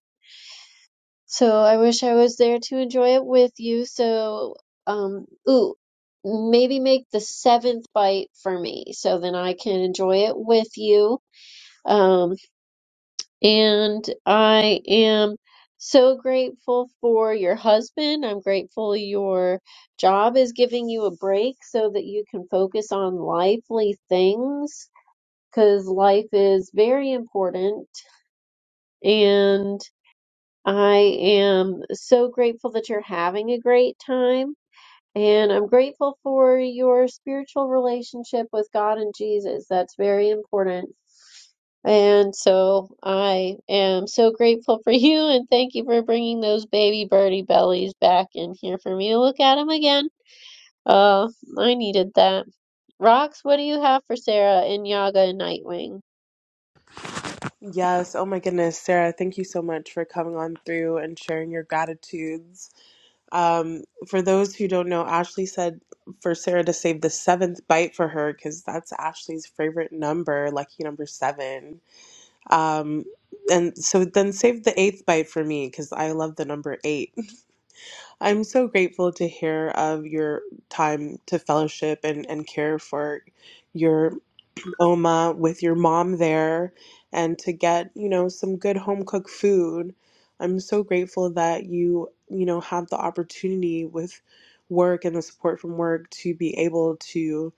S1: So I wish I was there to enjoy it with you. So, um, ooh, maybe make the seventh bite for me so then I can enjoy it with you. Um, and I am so grateful for your husband. I'm grateful your job is giving you a break so that you can focus on lively things because life is very important. And I am so grateful that you're having a great time. And I'm grateful for your spiritual relationship with God and Jesus. That's very important and so I am so grateful for you and thank you for bringing those baby birdie bellies back in here for me to look at them again. Oh, I needed that. Rox, what do you have for Sarah in Yaga and Nightwing?
S3: Yes. Oh my goodness, Sarah, thank you so much for coming on through and sharing your gratitudes. Um, for those who don't know, Ashley said for Sarah to save the seventh bite for her because that's Ashley's favorite number, lucky number seven. Um, and so then save the eighth bite for me because I love the number eight. I'm so grateful to hear of your time to fellowship and, and care for your Oma with your mom there and to get, you know, some good home cooked food. I'm so grateful that you, you know, have the opportunity with work and the support from work to be able to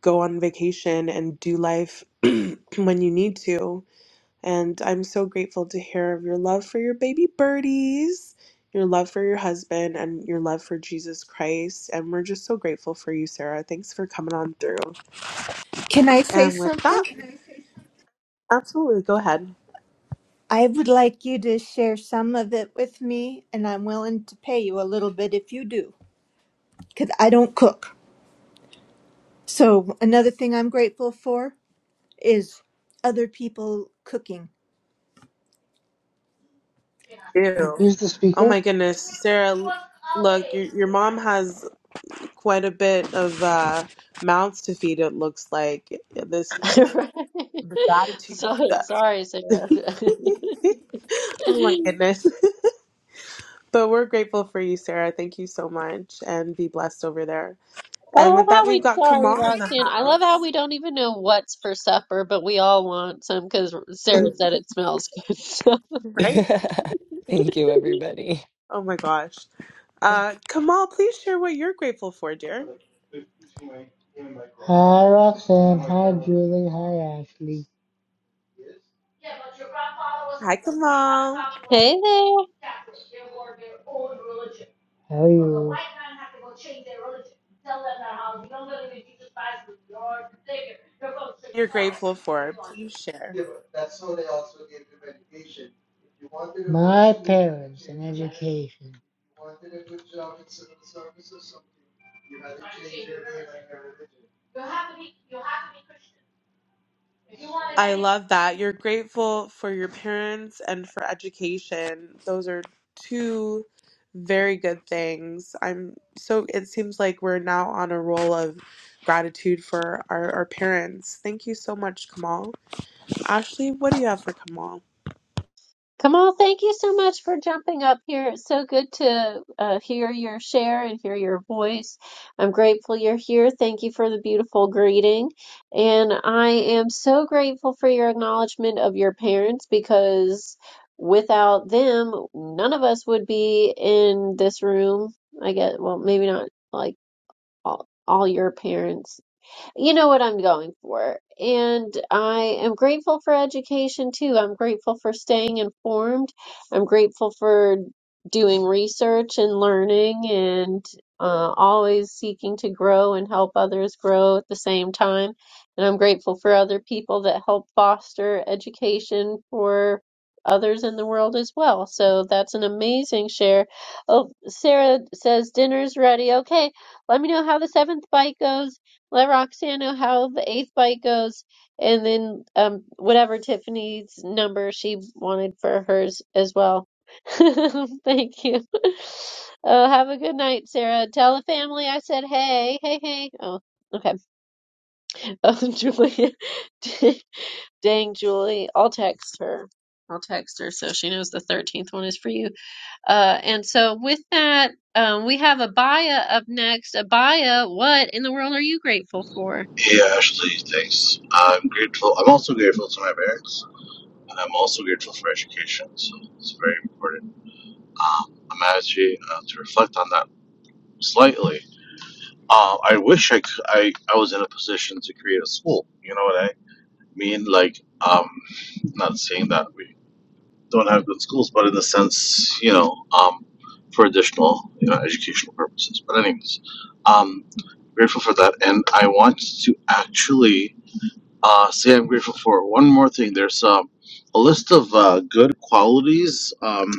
S3: go on vacation and do life when you need to. And I'm so grateful to hear of your love for your baby birdies, your love for your husband, and your love for Jesus Christ. And we're just so grateful for you, Sarah. Thanks for coming on through.
S7: Can I say
S3: And with that,
S7: something?
S3: Absolutely. Go ahead.
S7: I would like you to share some of it with me, and I'm willing to pay you a little bit if you do, because I don't cook. So, another thing I'm grateful for is other people cooking.
S3: Ew.
S9: Who's the
S3: Oh
S9: speaker?
S3: my goodness, Sarah. l- Look, your your mom has quite a bit of uh, mouths to feed. It looks like Yeah, this is like
S1: Right.
S3: the gratitude.
S1: So
S3: that-
S1: sorry, Sarah.
S3: oh my goodness! But we're grateful for you, Sarah. Thank you so much, and be blessed over there.
S1: I
S3: And
S1: love
S3: with that,
S1: how
S3: we've
S1: we,
S3: got
S1: sorry,
S3: Kamal in the
S1: Roxanne. I
S3: house.
S1: love how we don't even know what's for supper, but we all want some because Sarah said it smells good. So,
S3: Right?
S8: Thank you, everybody.
S3: Oh my gosh. Uh, Kamal, please share what you're grateful for, dear.
S9: Hi, Roxanne. Hi, Julie. Hi, Ashley.
S3: Hi, Kamal.
S1: hey there.
S9: How are you?
S3: You're grateful for. Please share.
S9: My parents and education.
S3: I love that. You're grateful for your parents and for education. Those are two very good things. I'm so, it seems like we're now on a roll of gratitude for our, our parents. Thank you so much, Kamal. Ashley, what do you have for Kamal?
S1: Kamal, thank you so much for jumping up here. It's so good to uh, hear your share and hear your voice. I'm grateful you're here. Thank you for the beautiful greeting. And I am so grateful for your acknowledgement of your parents because without them, none of us would be in this room. I guess, well, maybe not like all, all your parents you know what I'm going for. And I am grateful for education too. I'm grateful for staying informed. I'm grateful for doing research and learning and uh, always seeking to grow and help others grow at the same time. And I'm grateful for other people that help foster education for others in the world as well. So that's an amazing share. Oh, Sarah says dinner's ready. Okay, let me know how the seventh bite goes let Roxanne know how the eighth bite goes, and then um whatever Tiffany's number she wanted for hers as well. Thank you. Uh, have a good night, Sarah. Tell the family I said hey, hey, hey. Oh, okay. Oh, Julia. Dang, Julie. I'll text her. I'll text her so she knows the 13th one is for you. Uh, and so with that, um, we have Abaya up next. Abaya, what in the world are you grateful for?
S10: Yeah, Ashley, thanks. I'm grateful. I'm also grateful to my parents, and I'm also grateful for education. So it's very important. Um, I'm actually uh, to reflect on that slightly. Uh, I wish I, c- I I was in a position to create a school. You know what I mean? Like, um, not saying that we don't have good schools, but in the sense, you know, um, for additional you know educational purposes. But anyways, um, grateful for that, and I want to actually Uh, say I'm grateful for one more thing. There's um, a list of uh, good qualities um,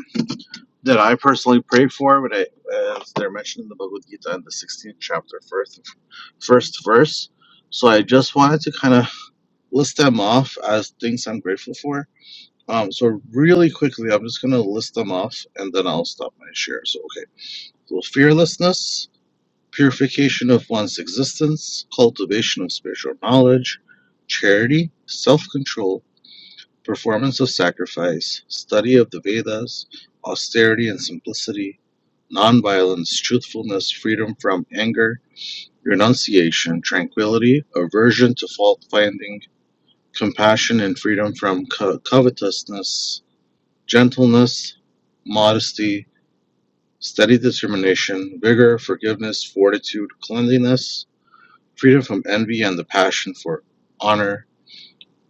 S10: that I personally pray for, but I, as they're mentioned in the Bhagavad Gita in the 16th chapter, first, first verse. So I just wanted to kind of list them off as things I'm grateful for. Um, so really quickly, I'm just gonna list them off, and then I'll stop my share. So okay, so fearlessness, purification of one's existence, cultivation of spiritual knowledge, charity, self-control performance of sacrifice, study of the Vedas, austerity and simplicity, nonviolence, truthfulness, freedom from anger, renunciation, tranquility, aversion to fault finding, compassion and freedom from co- covetousness, gentleness, modesty, steady determination, vigor, forgiveness, fortitude, cleanliness, freedom from envy and the passion for honor.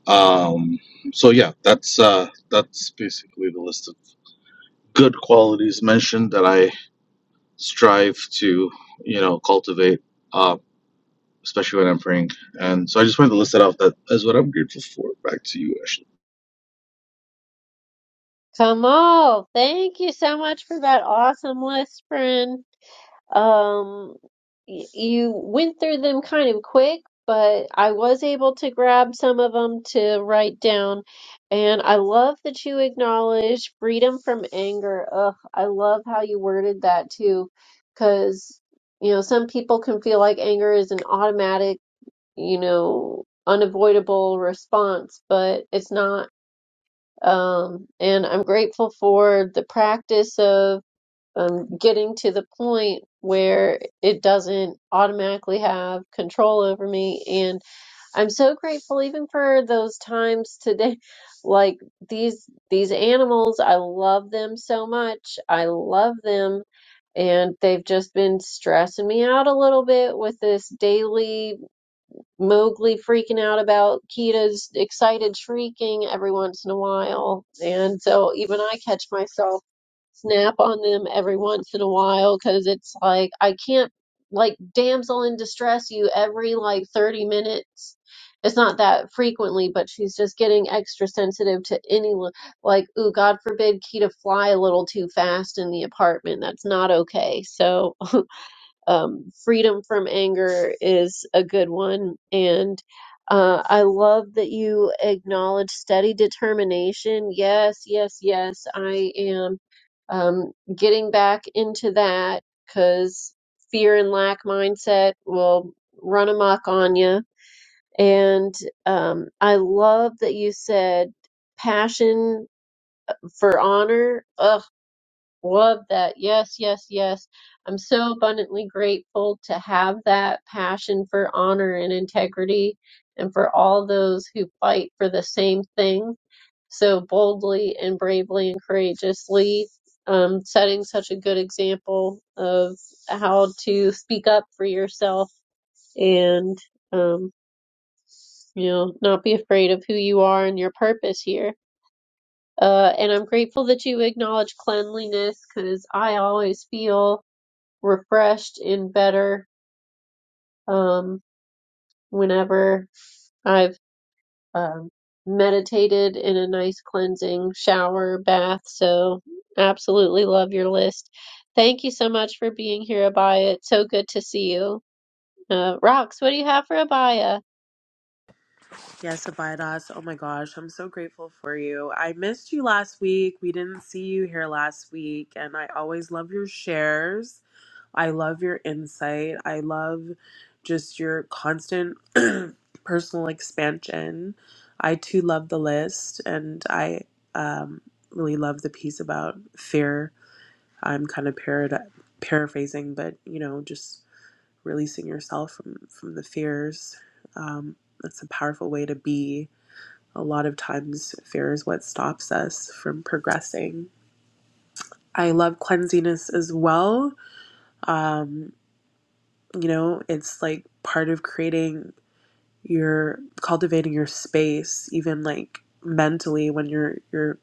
S10: Um, so yeah, that's uh, that's basically the list of good qualities mentioned that I strive to, you know, cultivate, uh, especially when I'm praying. And so I just wanted to list that off. That is what I'm grateful for. Back to you, Ashley.
S1: Kamal, thank you so much for that awesome list, friend. Um, y- you went through them kind of quick, but I was able to grab some of them to write down. And I love that you acknowledged freedom from anger. Ugh, I love how you worded that too, because, you know, some people can feel like anger is an automatic, you know, unavoidable response, but it's not um, and I'm grateful for the practice of um, getting to the point where it doesn't automatically have control over me. And I'm so grateful even for those times today. Like these these animals, I love them so much. I love them and they've just been stressing me out a little bit with this daily Mowgli freaking out about Kita's excited shrieking every once in a while. And so even I catch myself snap on them every once in a while because it's like I can't like damsel in distress you every like 30 minutes. It's not that frequently, but she's just getting extra sensitive to any li- like, ooh, God forbid Kita fly a little too fast in the apartment. That's not okay. So um, freedom from anger is a good one. And uh, I love that you acknowledge steady determination. Yes, yes, yes, I am um, getting back into that because fear and lack mindset will run amok on you. And um, I love that you said passion for honor. Ugh Love that. Yes, yes, yes. I'm so abundantly grateful to have that passion for honor and integrity and for all those who fight for the same thing so boldly and bravely and courageously, um, setting such a good example of how to speak up for yourself and, um, you know, not be afraid of who you are and your purpose here. Uh, and I'm grateful that you acknowledge cleanliness because I always feel refreshed and better um, whenever I've um, meditated in a nice cleansing shower, bath. So, absolutely love your list. Thank you so much for being here, Abaya. It's so good to see you. Uh, Rox, what do you have for Abaya?
S3: Yes, Abidas. Oh my gosh, I'm so grateful for you. I missed you last week. We didn't see you here last week, and I always love your shares. I love your insight. I love just your constant personal expansion. I too love the list, and I um, really love the piece about fear. I'm kind of parad- paraphrasing, but you know, just releasing yourself from from the fears. Um, that's a powerful way to be a lot of times fear is what stops us from progressing. I love cleansiness as well. Um, you know, it's like part of creating your cultivating your space, even like mentally when your your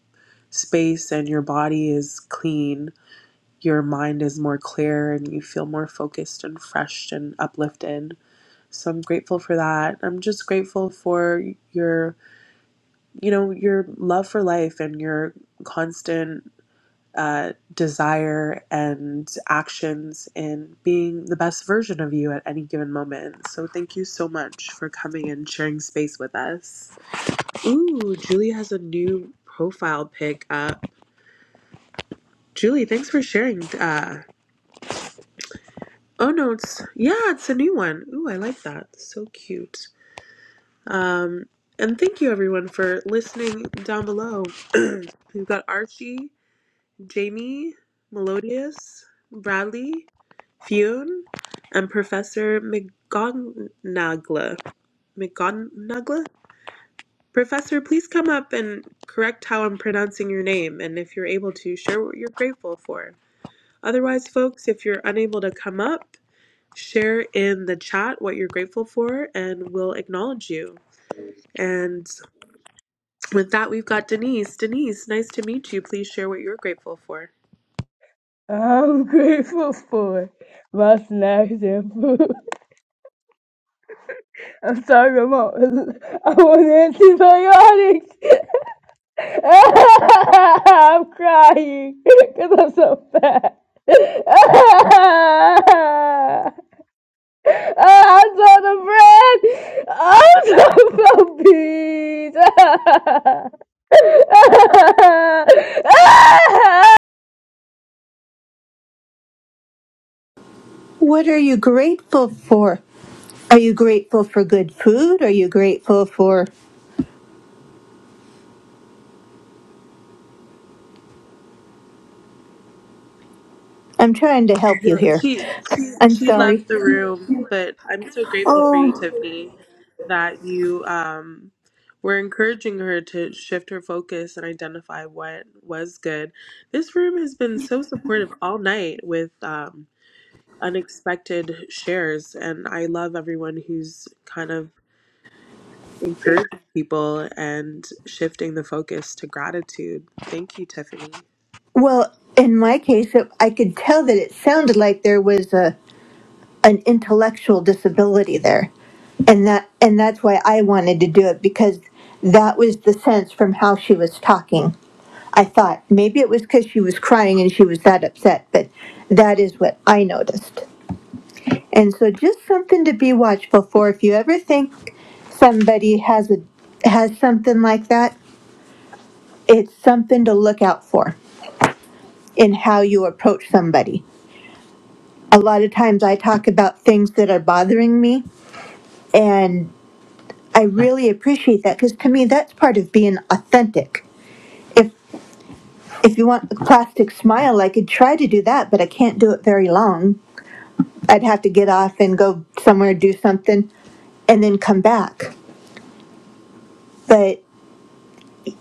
S3: space and your body is clean, your mind is more clear and you feel more focused and fresh and uplifted. So I'm grateful for that. I'm just grateful for your you know, your love for life and your constant uh, desire and actions in being the best version of you at any given moment. So, thank you so much for coming and sharing space with us. Ooh, Julie has a new profile pic up. Julie, thanks for sharing. Uh, oh, no, it's yeah, it's a new one. Ooh, I like that. So cute. Um, and thank you everyone for listening down below. We've got Archie. Jamie Melodius, Bradley Fune, and Professor McGonagla. McGonagla? Professor, please come up and correct how I'm pronouncing your name, and if you're able to, share what you're grateful for. Otherwise, folks, if you're unable to come up, share in the chat what you're grateful for, and we'll acknowledge you. And with that, we've got Denise. Denise, nice to meet you. Please share what you're grateful for.
S11: I'm grateful for my snacks and food. I'm sorry, I'm on, I'm on antibiotics. I'm crying because I'm so fat. I'm so the bread. I'm so so beat.
S7: What are you grateful for? Are you grateful for good food? Are you grateful for. I'm trying to help
S3: Yeah,
S7: you here.
S3: she she
S7: I'm
S3: she left
S7: sorry.
S3: the room, but I'm so grateful for you,
S7: Oh,
S3: Tiffany, that you um were encouraging her to shift her focus and identify what was good. This room has been so supportive all night with um unexpected shares, and I love everyone who's kind of encouraging people and shifting the focus to gratitude. Thank you, Tiffany.
S7: well, in my case, it, I could tell that it sounded like there was a, an intellectual disability there. And that and that's why I wanted to do it because that was the sense from how she was talking. I thought maybe it was because she was crying and she was that upset, but that is what I noticed. And so just something to be watchful for. If you ever think somebody has a has something like that, it's something to look out for in how you approach somebody. A lot of times I talk about things that are bothering me and I really appreciate that because to me that's part of being authentic. If if you want a plastic smile, I could try to do that, but I can't do it very long. I'd have to get off and go somewhere do something and then come back. But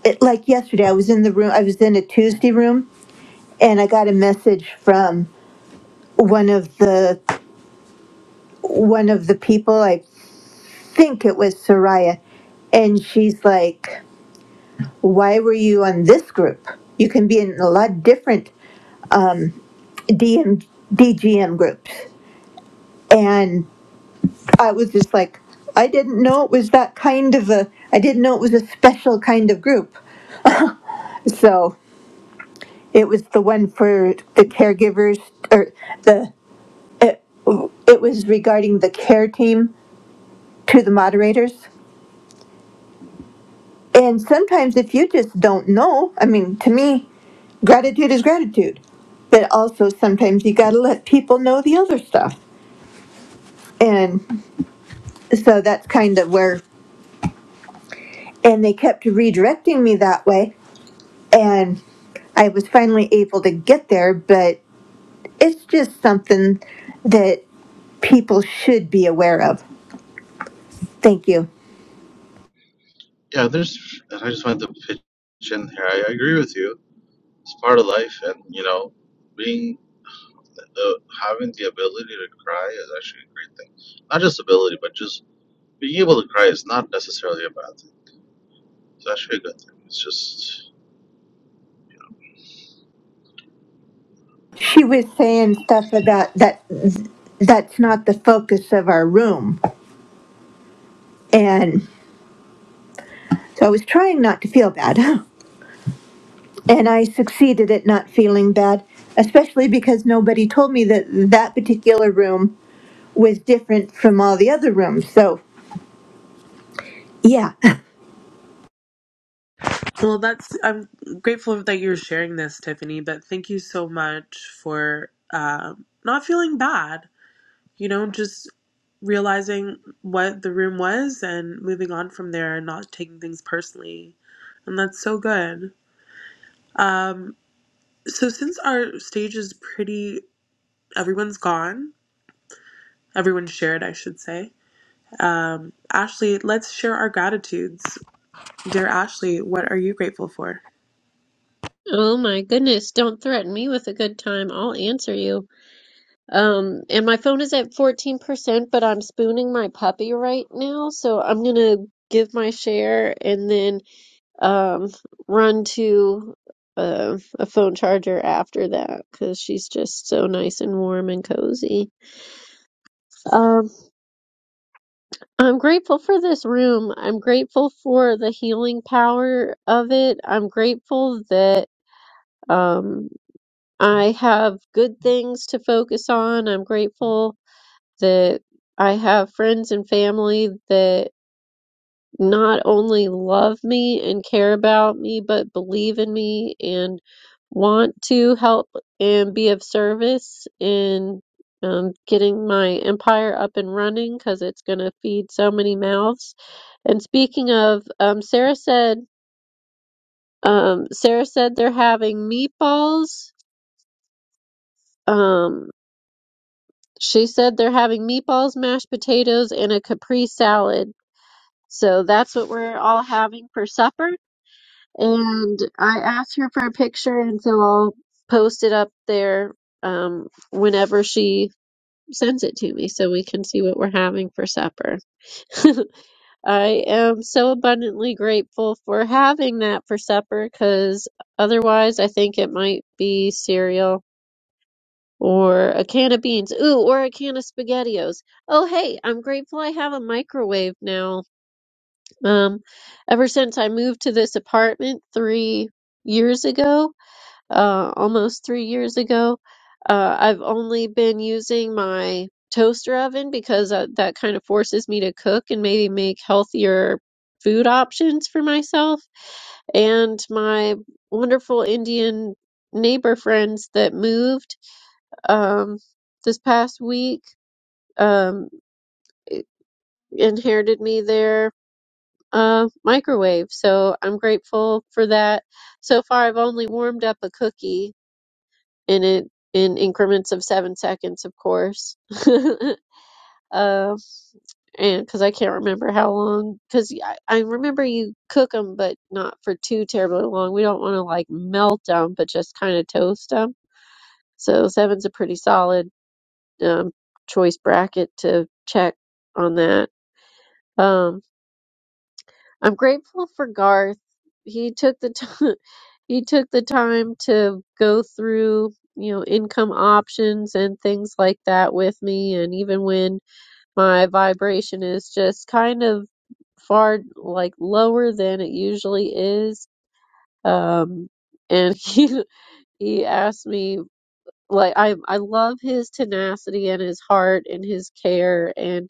S7: it, like yesterday, I was in the room, I was in a Tuesday room, and I got a message from one of the one of the people. I think it was Soraya, and she's like, "Why were you on this group? You can be in a lot different DM, DGM groups." And I was just like, "I didn't know it was that kind of a. I didn't know it was a special kind of group." So it was the one for the caregivers or the It it was regarding the care team to the moderators. And sometimes if you just don't know, I mean, to me, gratitude is gratitude. But also sometimes you got to let people know the other stuff. And so that's kind of where, and they kept redirecting me that way. And I was finally able to get there, but it's just something that people should be aware of. Thank you.
S10: Yeah, there's. and I just wanted to pitch in here. I agree with you. It's part of life, and you know, being the having the ability to cry is actually a great thing. Not just ability, but just being able to cry is not necessarily a bad thing. It's actually a good thing. It's just
S7: she was saying stuff about that that's not the focus of our room and so i was trying not to feel bad and i succeeded at not feeling bad especially because nobody told me that that particular room was different from all the other rooms so yeah
S3: Well, that's I'm grateful that you're sharing this, Tiffany, but thank you so much for um not feeling bad, you know, just realizing what the room was and moving on from there and not taking things personally. And that's so good. Um, so since our stage is pretty, everyone's gone, everyone shared, I should say. Um, Ashley, let's share our gratitudes. Dear Ashley, what are you grateful for?
S1: Oh my goodness, don't threaten me with a good time. I'll answer you. Um, and my phone is at 14%, but I'm spooning my puppy right now, so I'm gonna give my share and then um, run to uh, a phone charger after that because she's just so nice and warm and cozy. Um, I'm grateful for this room. I'm grateful for the healing power of it. I'm grateful that um, I have good things to focus on. I'm grateful that I have friends and family that. not only love me and care about me, but believe in me and want to help and be of service in um, getting my empire up and running because it's going to feed so many mouths. And speaking of, um, Sarah said, um, Sarah said they're having meatballs. Um, she said they're having meatballs, mashed potatoes, and a Capri salad. So that's what we're all having for supper. and I asked her for a picture, and so I'll post it up there um, whenever she sends it to me so we can see what we're having for supper. I am so abundantly grateful for having that for supper because otherwise I think it might be cereal or a can of beans. Ooh, or a can of SpaghettiOs. Oh, hey, I'm grateful I have a microwave now. Um, ever since I moved to this apartment three years ago, uh, almost three years ago. Uh, I've only been using my toaster oven because uh, that kind of forces me to cook and maybe make healthier food options for myself and my wonderful Indian neighbor friends that moved um, this past week um, i- inherited me their uh, microwave. So I'm grateful for that. So far, I've only warmed up a cookie in it in increments of seven seconds, of course. um, and because I can't remember how long, because I, I remember you cook them, but not for too terribly long. We don't want to like melt them, but just kind of toast them. So seven's a pretty solid um, choice bracket to check on that. Um, I'm grateful for Garth. He took the time he took the time to go through, you know, income options and things like that with me and even when my vibration is just kind of far like lower than it usually is. Um and he he asked me like I I love his tenacity and his heart and his care and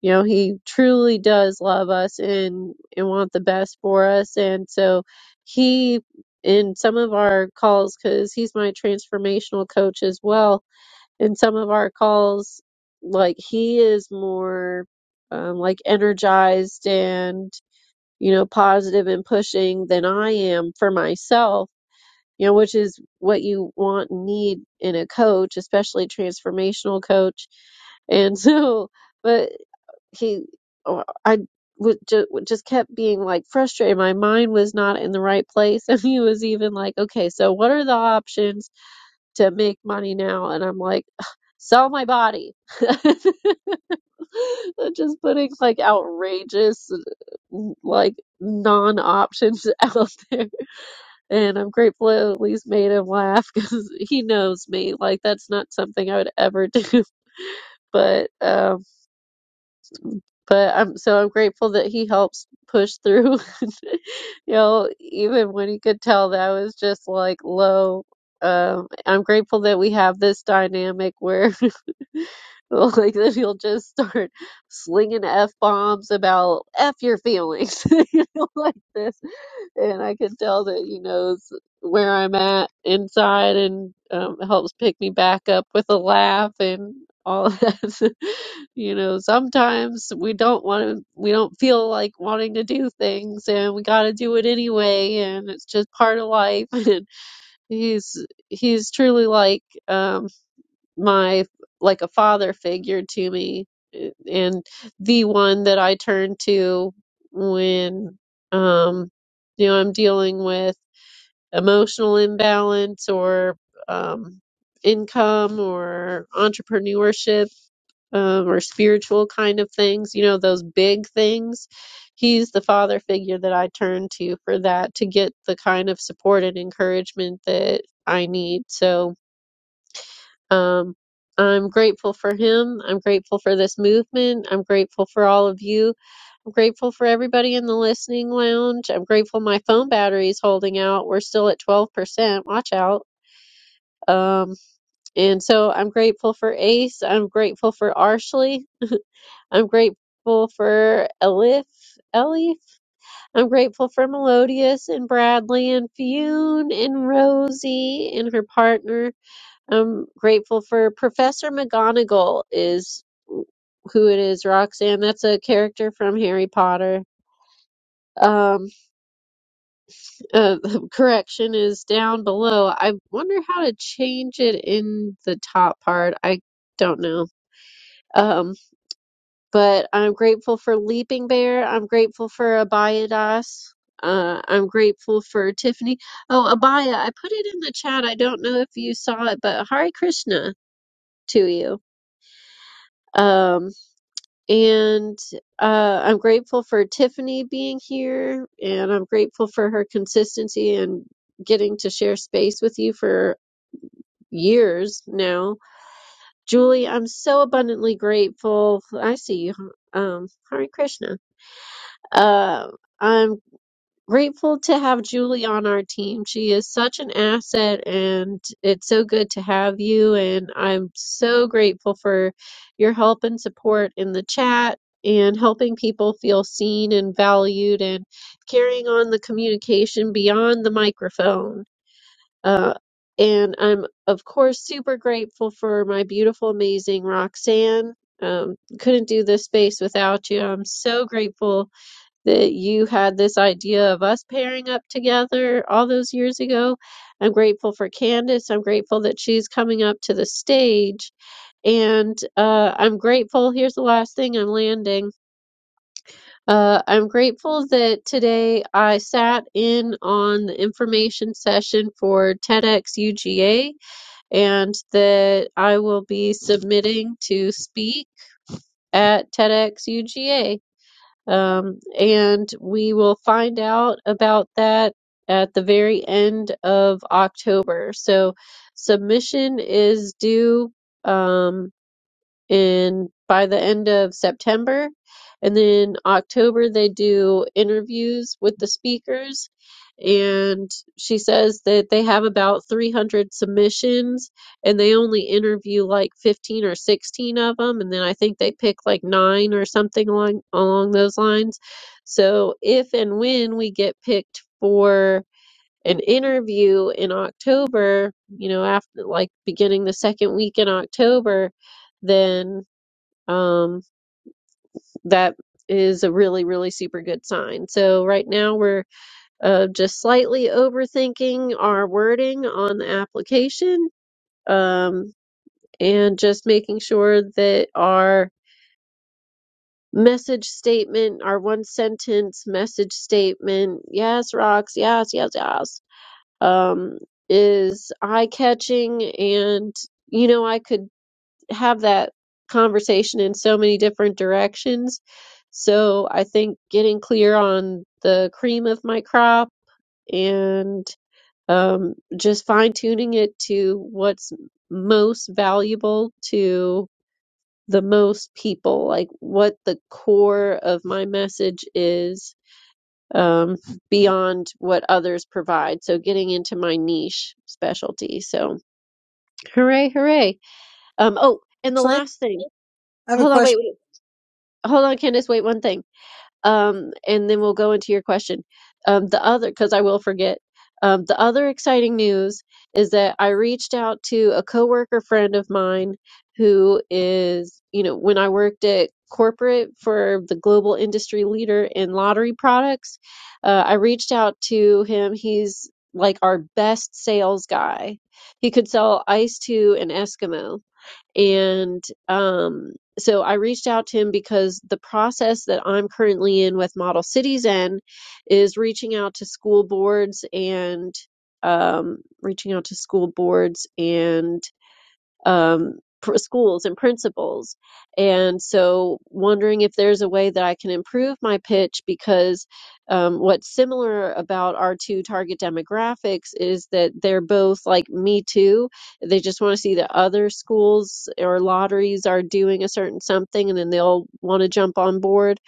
S1: you know he truly does love us and and want the best for us and so he in some of our calls because he's my transformational coach as well in some of our calls like he is more um, like energized and you know positive and pushing than i am for myself you know which is what you want and need in a coach especially transformational coach and so, but he oh, I would just, just kept being like frustrated. My mind was not in the right place. And he was even like, okay, so what are the options to make money now? And I'm like, sell my body. just putting like outrageous, like non options out there. And I'm grateful I at least made him laugh because he knows me. Like, that's not something I would ever do. But, um, But I'm so I'm grateful that he helps push through. You know, even when he could tell that I was just like low. Um, I'm grateful that we have this dynamic where like that he'll just start slinging f bombs about f your feelings, you know, like this and I can tell that he knows where I'm at inside and um, helps pick me back up with a laugh and all of that. you know, sometimes we don't want to, we don't feel like wanting to do things, and we got to do it anyway, and it's just part of life. And he's he's truly like. um my like a father figure to me eh, and the one that I turn to when um you know I'm dealing with emotional imbalance or um income or entrepreneurship um, or spiritual kind of things, you know, those big things. He's the father figure that I turn to for that to get the kind of support and encouragement that I need. So, um, I'm grateful for him. I'm grateful for this movement. I'm grateful for all of you. I'm grateful for everybody in the listening lounge. I'm grateful my phone battery is holding out. We're still at 12%. Watch out. Um, and so I'm grateful for Ace. I'm grateful for Arshley. I'm grateful for Elif. Ellie, I'm grateful for Melodious and Bradley and Fionn and Rosie and her partner I'm grateful for Professor McGonagall is who it is, Roxanne. That's a character from Harry Potter. Um, uh, correction is down below. I wonder how to change it in the top part. I don't know. Um, but I'm grateful for Leaping Bear. I'm grateful for Abayadas. Uh, I'm grateful for Tiffany. Oh, Abaya, I put it in the chat. I don't know if you saw it, but Hare Krishna to you. Um, And uh, I'm grateful for Tiffany being here, and I'm grateful for her consistency and getting to share space with you for years now. Julie, I'm so abundantly grateful. I see you. Um, Hare Krishna. Uh, I'm Grateful to have Julie on our team. She is such an asset, and it's so good to have you. And I'm so grateful for your help and support in the chat and helping people feel seen and valued and carrying on the communication beyond the microphone. Uh, and I'm, of course, super grateful for my beautiful, amazing Roxanne. Um, couldn't do this space without you. I'm so grateful that you had this idea of us pairing up together all those years ago. I'm grateful for Candace. I'm grateful that she's coming up to the stage. And uh, I'm grateful. Here's the last thing I'm landing. Uh, I'm grateful that today I sat in on the information session for TEDx UGA and that I will be submitting to speak at TEDx UGA. Um, and we will find out about that at the very end of October. So submission is due. Um, and by the end of September. And then October, they do interviews with the speakers. And she says that they have about 300 submissions and they only interview like 15 or 16 of them. And then I think they pick like nine or something along, along those lines. So if and when we get picked for an interview in October, you know, after like beginning the second week in October, then um, that is a really, really super good sign. So right now we're uh, just slightly overthinking our wording on the application um, and just making sure that our message statement, our one sentence message statement, yes, rocks, yes, yes, yes, um, is eye catching and you know, I could have that conversation in so many different directions. So I think getting clear on the cream of my crop and um, just fine tuning it to what's most valuable to the most people, like what the core of my message is um, beyond what others provide. So getting into my niche specialty. So hooray, hooray. Um, oh, and the
S12: Actually,
S1: last thing.
S12: I have a
S1: Hold on, wait,
S12: question.
S1: wait. hold on, Candace, wait one thing. Um, and then we'll go into your question. Um, the other, because I will forget. Um, the other exciting news is that I reached out to a coworker friend of mine who is, you know, when I worked at corporate for the global industry leader in lottery products, uh, I reached out to him. He's like our best sales guy. He could sell ice to an Eskimo and um, so I reached out to him because the process that I'm currently in with Model Cities N is reaching out to school boards and um, reaching out to school boards and um, pr- schools and principals. And so, wondering if there's a way that I can improve my pitch because um, what's similar about our two target demographics is that they're both like me too. They just want to see that other schools or lotteries are doing a certain something and then they'll want to jump on board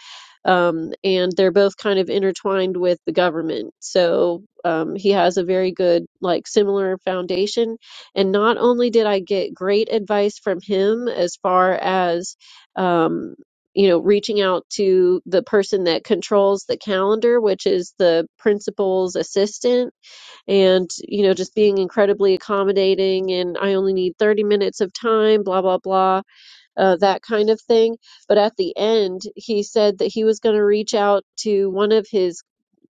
S1: um, and they're both kind of intertwined with the government. So um, he has a very good, like, similar foundation. And not only did I get great advice from him as far as, um, you know, reaching out to the person that controls the calendar, which is the principal's assistant, and, you know, just being incredibly accommodating. And I only need 30 minutes of time, blah, blah, blah uh, that kind of thing. But at the end, he said that he was going to reach out to one of his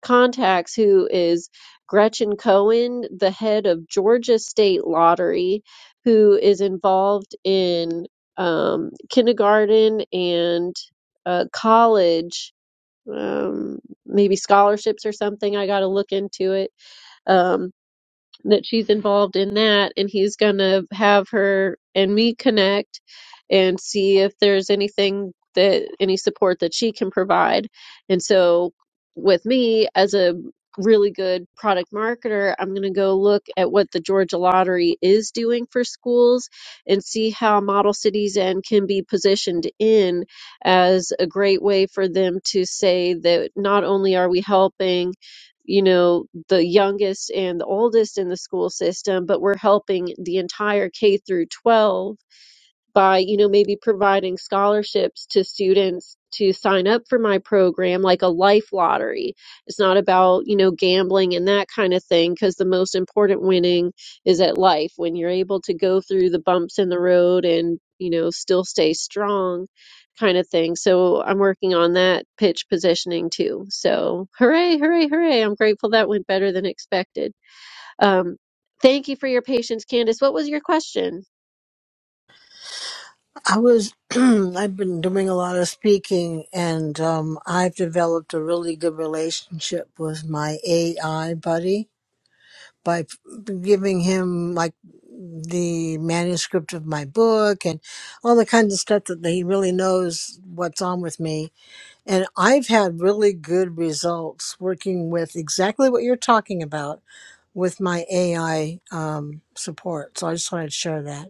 S1: contacts, who is Gretchen Cohen, the head of Georgia State Lottery, who is involved in um, kindergarten and uh, college. Um, maybe scholarships or something. I got to look into it. Um, that she's involved in that and he's going to have her and me connect and see if there's anything that any support that she can provide. And so with me as a really good product marketer, I'm going to go look at what the Georgia Lottery is doing for schools and see how Model Cities and can be positioned in as a great way for them to say that not only are we helping you know, the youngest and the oldest in the school system, but we're helping the entire K through 12 by you know maybe providing scholarships to students to sign up for my program like a life lottery it's not about you know gambling and that kind of thing because the most important winning is at life when you're able to go through the bumps in the road and you know still stay strong kind of thing so i'm working on that pitch positioning too so hooray hooray hooray i'm grateful that went better than expected um, thank you for your patience candace what was your question
S12: I was I've been doing a lot of speaking, and um, I've developed a really good relationship with my AI buddy by p- giving him like the manuscript of my book and all the kinds of stuff that he really knows what's on with me. And I've had really good results working with exactly what you're talking about with my AI um, support. So I just wanted to share that.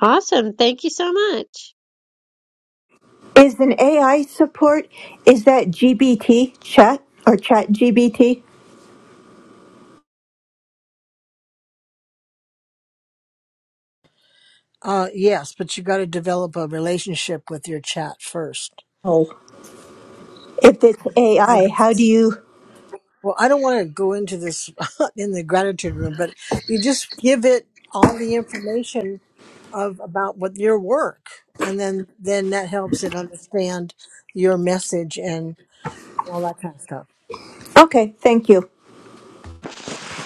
S1: Awesome. Thank you so much.
S7: is an ai support is that gbt chat or chat gbt
S12: Uh, yes, but you got to develop a relationship with your chat first.
S7: Oh, if it's
S12: I
S7: ai how do you
S12: well, I don't want to go into this in the gratitude room, but you just give it all the information of about what your work, and then then that helps it understand your message and all that kind of stuff.
S7: okay thank you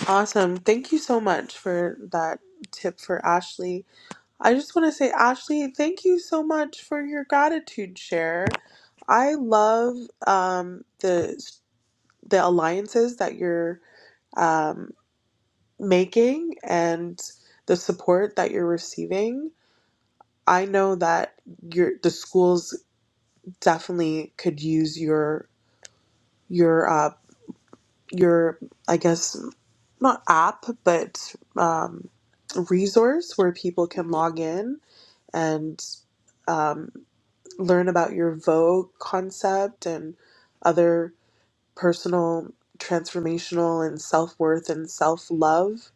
S3: Awesome. Thank you so much for that tip for Ashley. I just want to say, Ashley, thank you so much for your gratitude share. I love um, the the alliances that you're um, making and the support that you're receiving. I know that your the schools definitely could use your your uh, your I guess not app, but um, resource where people can log in and um, learn about your Vogue concept and other personal, transformational, and self worth and self love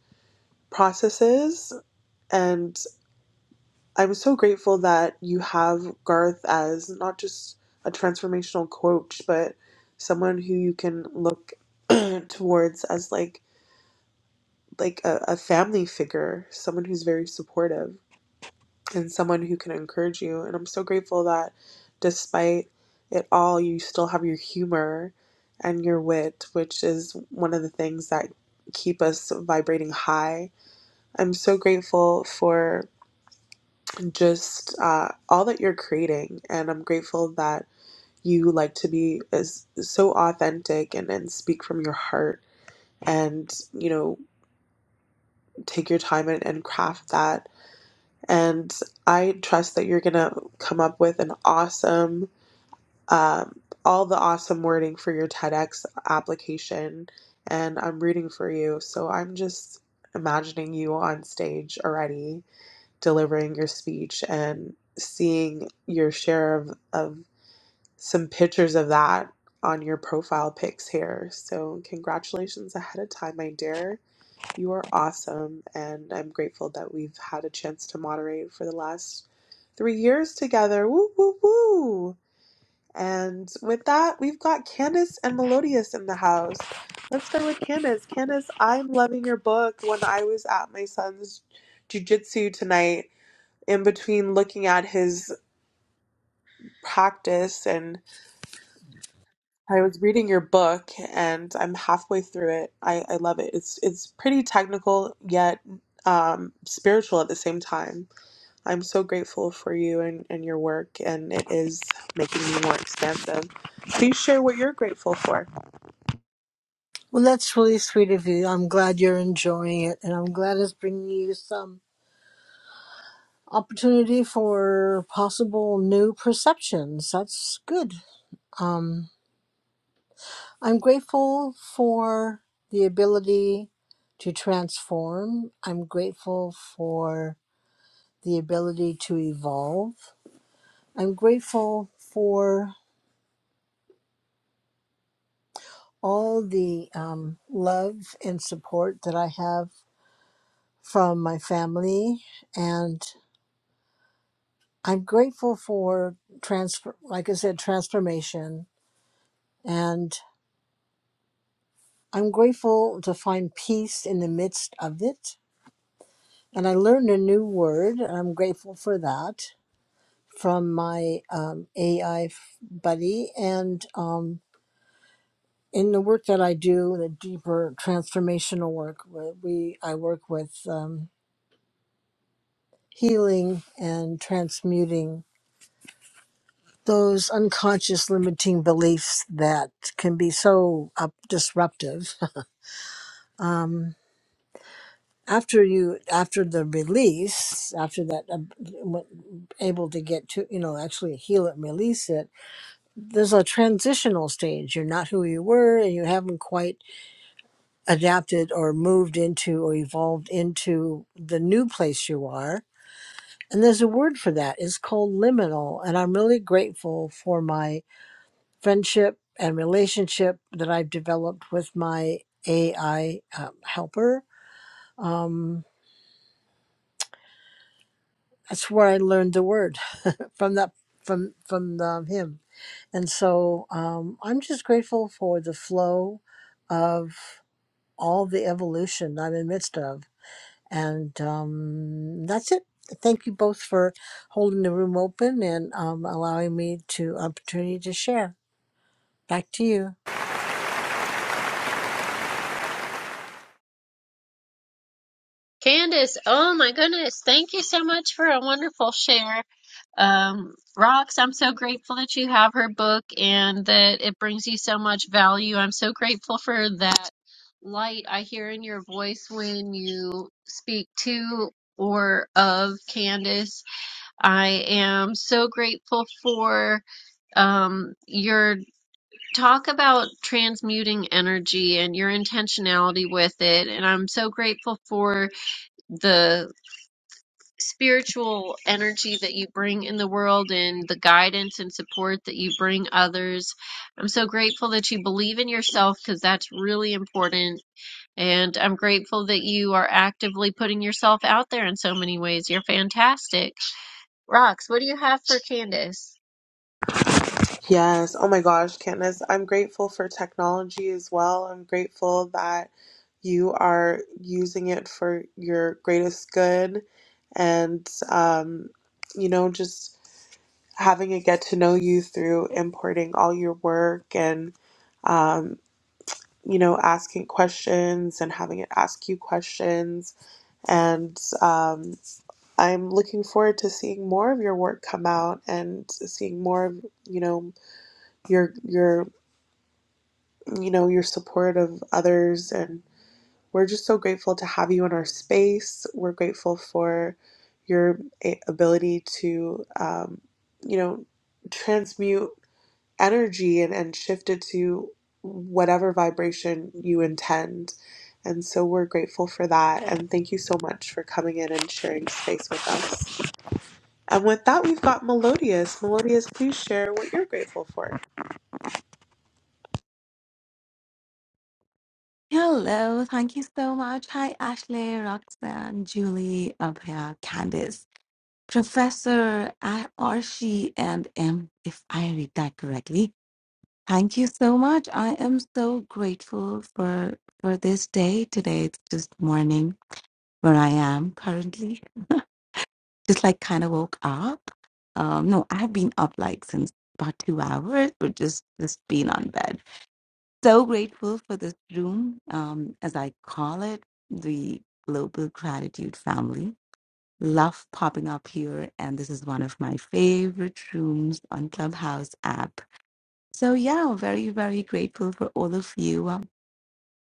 S3: processes. And I'm so grateful that you have Garth as not just a transformational coach, but someone who you can look towards as like like a, a family figure, someone who's very supportive and someone who can encourage you. And I'm so grateful that despite it all, you still have your humor and your wit, which is one of the things that keep us vibrating high. I'm so grateful for just uh, all that you're creating. And I'm grateful that you like to be is so authentic and, and speak from your heart and you know take your time and, and craft that And I trust that you're going to come up with an awesome, um, all the awesome wording for your TEDx application. And I'm rooting for you. So I'm just imagining you on stage already delivering your speech and seeing your share of, of some pictures of that on your profile pics here. So congratulations ahead of time, my dear you are awesome, and I'm grateful that we've had a chance to moderate for the last three years together. Woo, woo, woo! And with that, we've got Candace and Melodious in the house. Let's start with Candace. Candace, I'm loving your book. When I was at my son's jujitsu tonight, in between looking at his practice and I was reading your book and I'm halfway through it. I, I love it. It's it's pretty technical yet um, spiritual at the same time. I'm so grateful for you and, and your work, and it is making me more expansive. Please share what you're grateful for.
S12: Well, that's really sweet of you. I'm glad you're enjoying it, and I'm glad it's bringing you some opportunity for possible new perceptions. That's good. Um, I'm grateful for the ability to transform. I'm grateful for the ability to evolve. I'm grateful for all the um, love and support that I have from my family. And I'm grateful for transfer, like I said, transformation. And I'm grateful to find peace in the midst of it. And I learned a new word, and I'm grateful for that from my um, AI buddy. And um, in the work that I do, the deeper transformational work, where we I work with um, healing and transmuting those unconscious limiting beliefs that can be so up disruptive. um, after you, after the release, after that, uh, able to get to, you know, actually heal it, and release it there's a transitional stage. You're not who you were, and you haven't quite adapted or moved into or evolved into the new place you are. And there's a word for that. It's called liminal. And I'm really grateful for my friendship and relationship that I've developed with my AI um, helper. Um, that's where I learned the word from that from from the, him. And so um, I'm just grateful for the flow of all the evolution I'm in the midst of. And um, that's it. Thank you both for holding the room open and um, allowing me to opportunity to share. Back to you.
S1: Candace, oh my goodness. Thank you so much for a wonderful share. Um, Rox, I'm so grateful that you have her book and that it brings you so much value. I'm so grateful for that light I hear in your voice when you speak to or of Candace. I am so grateful for um, your talk about transmuting energy and your intentionality with it. And I'm so grateful for the spiritual energy that you bring in the world and the guidance and support that you bring others. I'm so grateful that you believe in yourself because that's really important. And I'm grateful that you are actively putting yourself out there in so many ways. You're fantastic. Rox, what do you have for Candace?
S3: Yes. Oh my gosh, Candace, I'm grateful for technology as well. I'm grateful that you are using it for your greatest good and um, you know just having a get to know you through importing all your work and um, you know asking questions and having it ask you questions and um, i'm looking forward to seeing more of your work come out and seeing more of you know your your you know your support of others and we're just so grateful to have you in our space we're grateful for your a- ability to um, you know transmute energy and, and shift it to whatever vibration you intend. And so we're grateful for that. And thank you so much for coming in and sharing space with us. And with that, we've got Melodious. Melodious, please share what you're grateful for.
S13: Hello, thank you so much. Hi, Ashley, Roxanne, Julie, Abhya, Candice, Professor I- Archie, and M, if I read that correctly. Thank you so much. I am so grateful for for this day. Today it's just morning where I am currently. Just like kind of woke up. Um, no, I've been up like since about two hours, but just just been on bed so grateful for this room, um, as I call it, the Global Gratitude Family. Love popping up here, and this is one of my favorite rooms on Clubhouse app. So yeah, very very grateful for all of you um,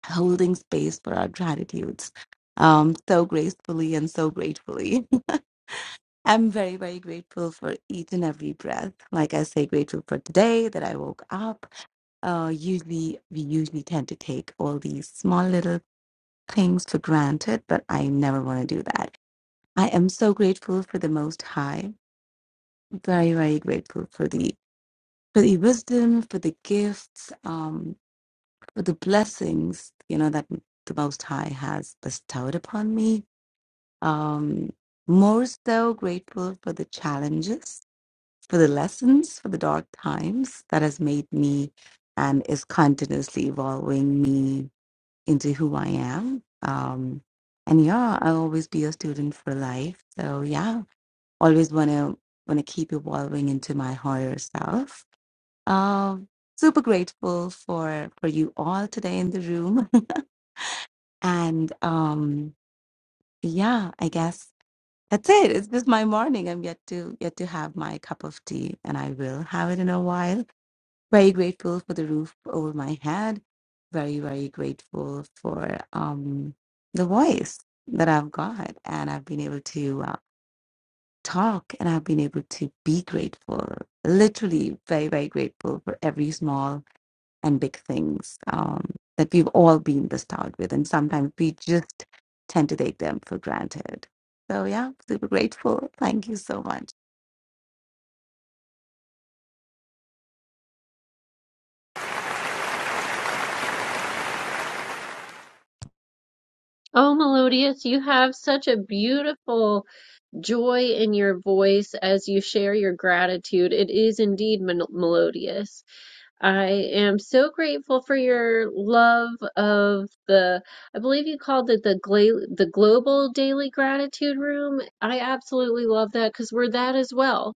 S13: holding space for our gratitudes, um, so gracefully and so gratefully. I'm very very grateful for each and every breath. Like I say, grateful for today that I woke up uh, usually we usually tend to take all these small little things for granted, but I never want to do that. I am so grateful for the Most High. Very, very grateful for the for the wisdom, for the gifts, um, for the blessings you know that the Most High has bestowed upon me. Um, more so grateful for the challenges, for the lessons, for the dark times that has made me and is continuously evolving me into who I am. Um, and yeah, I'll always be a student for life. So yeah, always wanna wanna keep evolving into my higher self. Um, super grateful for for you all today in the room. and um, yeah, I guess that's it. It's just my morning. I'm yet to yet to have my cup of tea, and I will have it in a while very grateful for the roof over my head very very grateful for um the voice that i've got and i've been able to uh, talk and i've been able to be grateful literally very very grateful for every small and big things um that we've all been bestowed with and sometimes we just tend to take them for granted so yeah super grateful thank you so much
S1: Oh, Melodious, you have such a beautiful joy in your voice as you share your gratitude. It is indeed mel- melodious. I am so grateful for your love of the, I believe you called it the gla- the global daily gratitude room. I absolutely love that because we're that as well.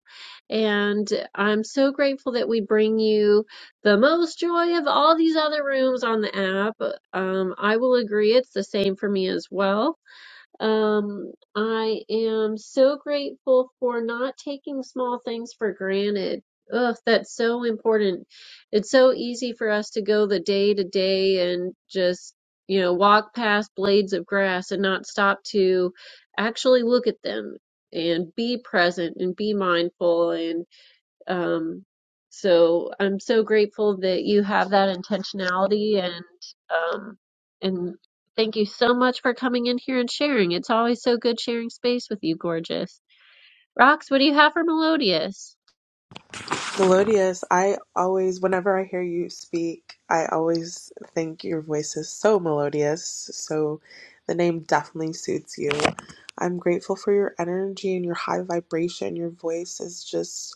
S1: And I'm so grateful that we bring you the most joy of all these other rooms on the app. Um, I will agree, it's the same for me as well. Um, I am so grateful for not taking small things for granted. Ugh, that's so important. It's so easy for us to go the day to day and just, you know, walk past blades of grass and not stop to actually look at them and be present and be mindful um, so I'm so grateful that you have that intentionality and um, and thank you so much for coming in here and sharing. It's always so good sharing space with you, gorgeous. Rox, what do you have for Melodious?
S3: Melodious, I always, whenever I hear you speak, I always think your voice is so melodious. So the name definitely suits you. I'm grateful for your energy and your high vibration. Your voice is just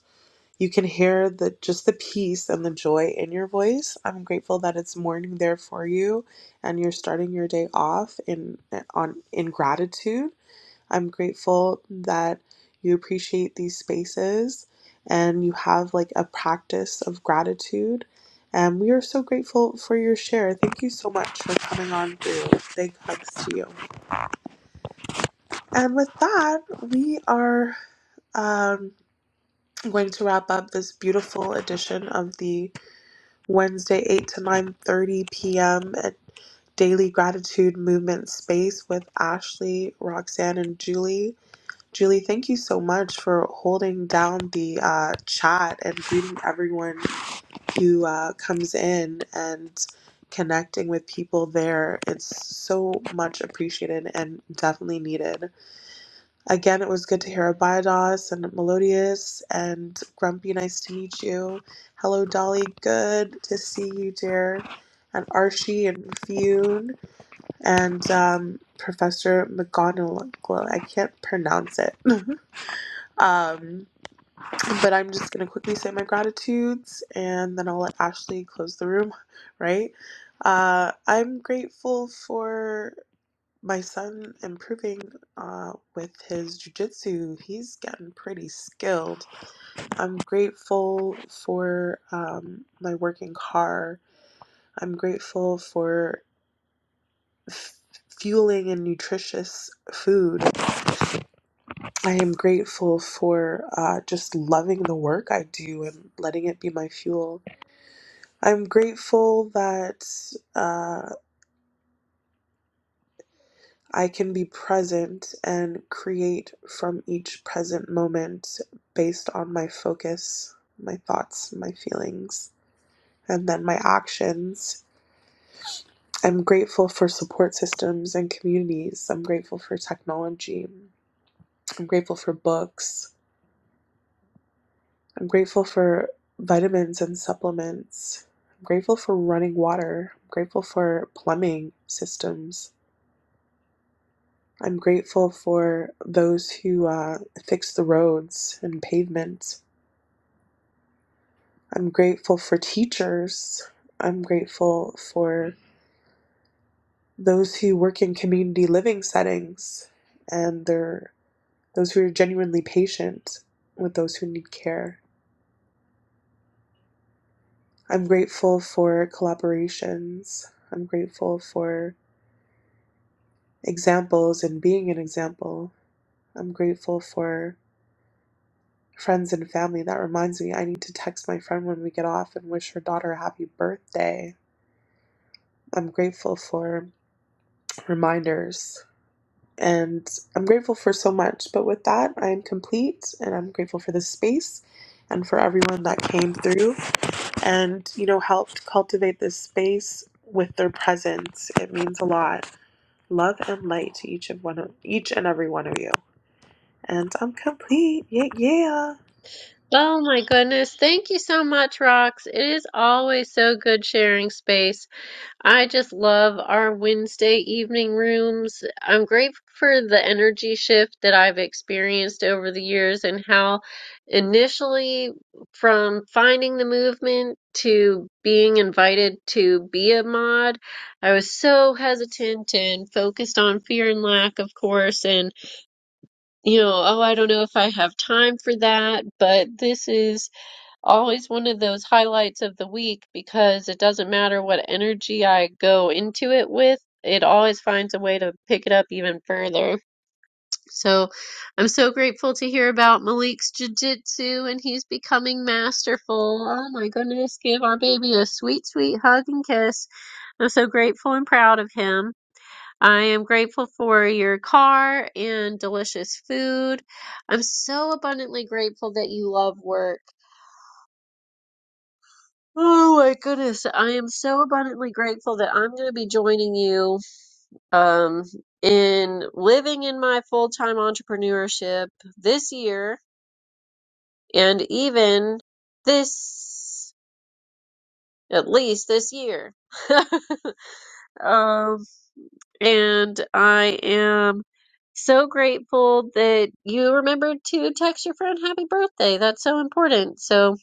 S3: You can hear the just the peace and the joy in your voice. I'm grateful that it's morning there for you and you're starting your day off in on in gratitude. I'm grateful that you appreciate these spaces and you have like a practice of gratitude. And we are so grateful for your share. Thank you so much for coming on through. Big hugs to you. And with that, we are um, going to wrap up this beautiful edition of the Wednesday, 8 to 9.30 p.m. at Daily Gratitude Movement Space with Ashley, Roxanne, and Julie. Julie, thank you so much for holding down the uh, chat and greeting everyone who uh, comes in and connecting with people there. It's so much appreciated and definitely needed. Again, it was good to hear Abidos and Melodious and Grumpy. Nice to meet you. Hello, Dolly. Good to see you, dear. And Archie and Fune and um, Professor McGonagall. I can't pronounce it. um, but I'm just going to quickly say my gratitudes and then I'll let Ashley close the room, right? Uh, I'm grateful for. My son improving uh, with his jujitsu, he's gotten pretty skilled. I'm grateful for um, my working car. I'm grateful for f- fueling and nutritious food. I am grateful for uh, just loving the work I do and letting it be my fuel. I'm grateful that uh, I can be present and create from each present moment based on my focus, my thoughts, my feelings, and then my actions. I'm grateful for support systems and communities. I'm grateful for technology. I'm grateful for books. I'm grateful for vitamins and supplements. I'm grateful for running water. I'm grateful for plumbing systems. I'm grateful for those who uh, fix the roads and pavements. I'm grateful for teachers. I'm grateful for those who work in community living settings and they're, those who are genuinely patient with those who need care. I'm grateful for collaborations. I'm grateful for examples and being an example. I'm grateful for Friends and family, that reminds me, I need to text my friend when we get off and wish her daughter a happy birthday. I'm grateful for reminders and I'm grateful for so much. But with that, I am complete and I'm grateful for this space and for everyone that came through and, you know, helped cultivate this space with their presence. It means a lot. Love and light to each of one of each and every one of you. And I'm complete. Yeah, yeah.
S1: Oh my goodness. Thank you so much, Rox. It is always so good sharing space. I just love our Wednesday evening rooms. I'm grateful for the energy shift that I've experienced over the years and how initially from finding the movement to being invited to be a mod, I was so hesitant and focused on fear and lack, of course, and you know, oh, I don't know if I have time for that, but this is always one of those highlights of the week because it doesn't matter what energy I go into it with, it always finds a way to pick it up even further. So I'm so grateful to hear about Malik's jujitsu and he's becoming masterful. Oh my goodness, give our baby a sweet, sweet hug and kiss. I'm so grateful and proud of him. I am grateful for your car and delicious food. I'm so abundantly grateful that you love work. Oh my goodness. I am so abundantly grateful that I'm going to be joining you um, in living in my full time entrepreneurship this year and even this, at least this year. um, and I am so grateful that you remembered to text your friend happy birthday. That's so important. So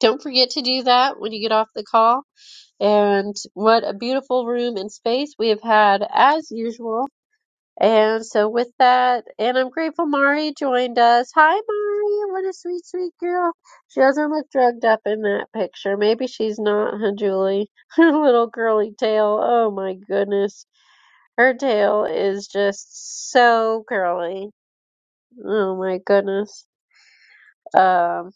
S1: don't forget to do that when you get off the call. And what a beautiful room and space we have had as usual. And so with that, and I'm grateful Mari joined us. Hi Mari, what a sweet, sweet girl. She doesn't look drugged up in that picture. Maybe she's not, huh, Julie? Her little curly tail. Oh my goodness. Her tail is just so curly. Oh my goodness. Um.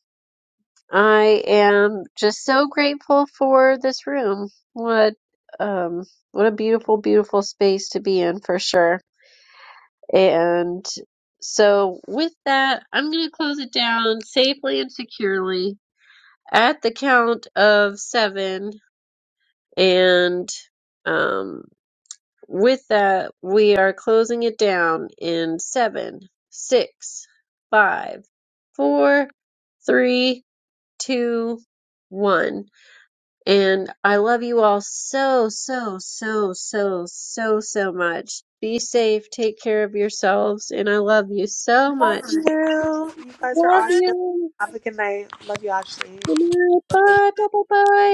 S1: I am just so grateful for this room. What um what a beautiful, beautiful space to be in for sure. And so with that, I'm gonna close it down safely and securely at the count of seven. And um with that, we are closing it down in seven, six, five, four, three, two, one. And I love you all so, so, so, so, so, so much. Be safe. Take care of yourselves. And I love you so
S3: Love
S1: much.
S3: you. You guys are
S1: Love
S3: awesome.
S1: you.
S3: Have a good night. Love you, Ashley.
S1: Good night. Bye. Bye. Bye. Bye.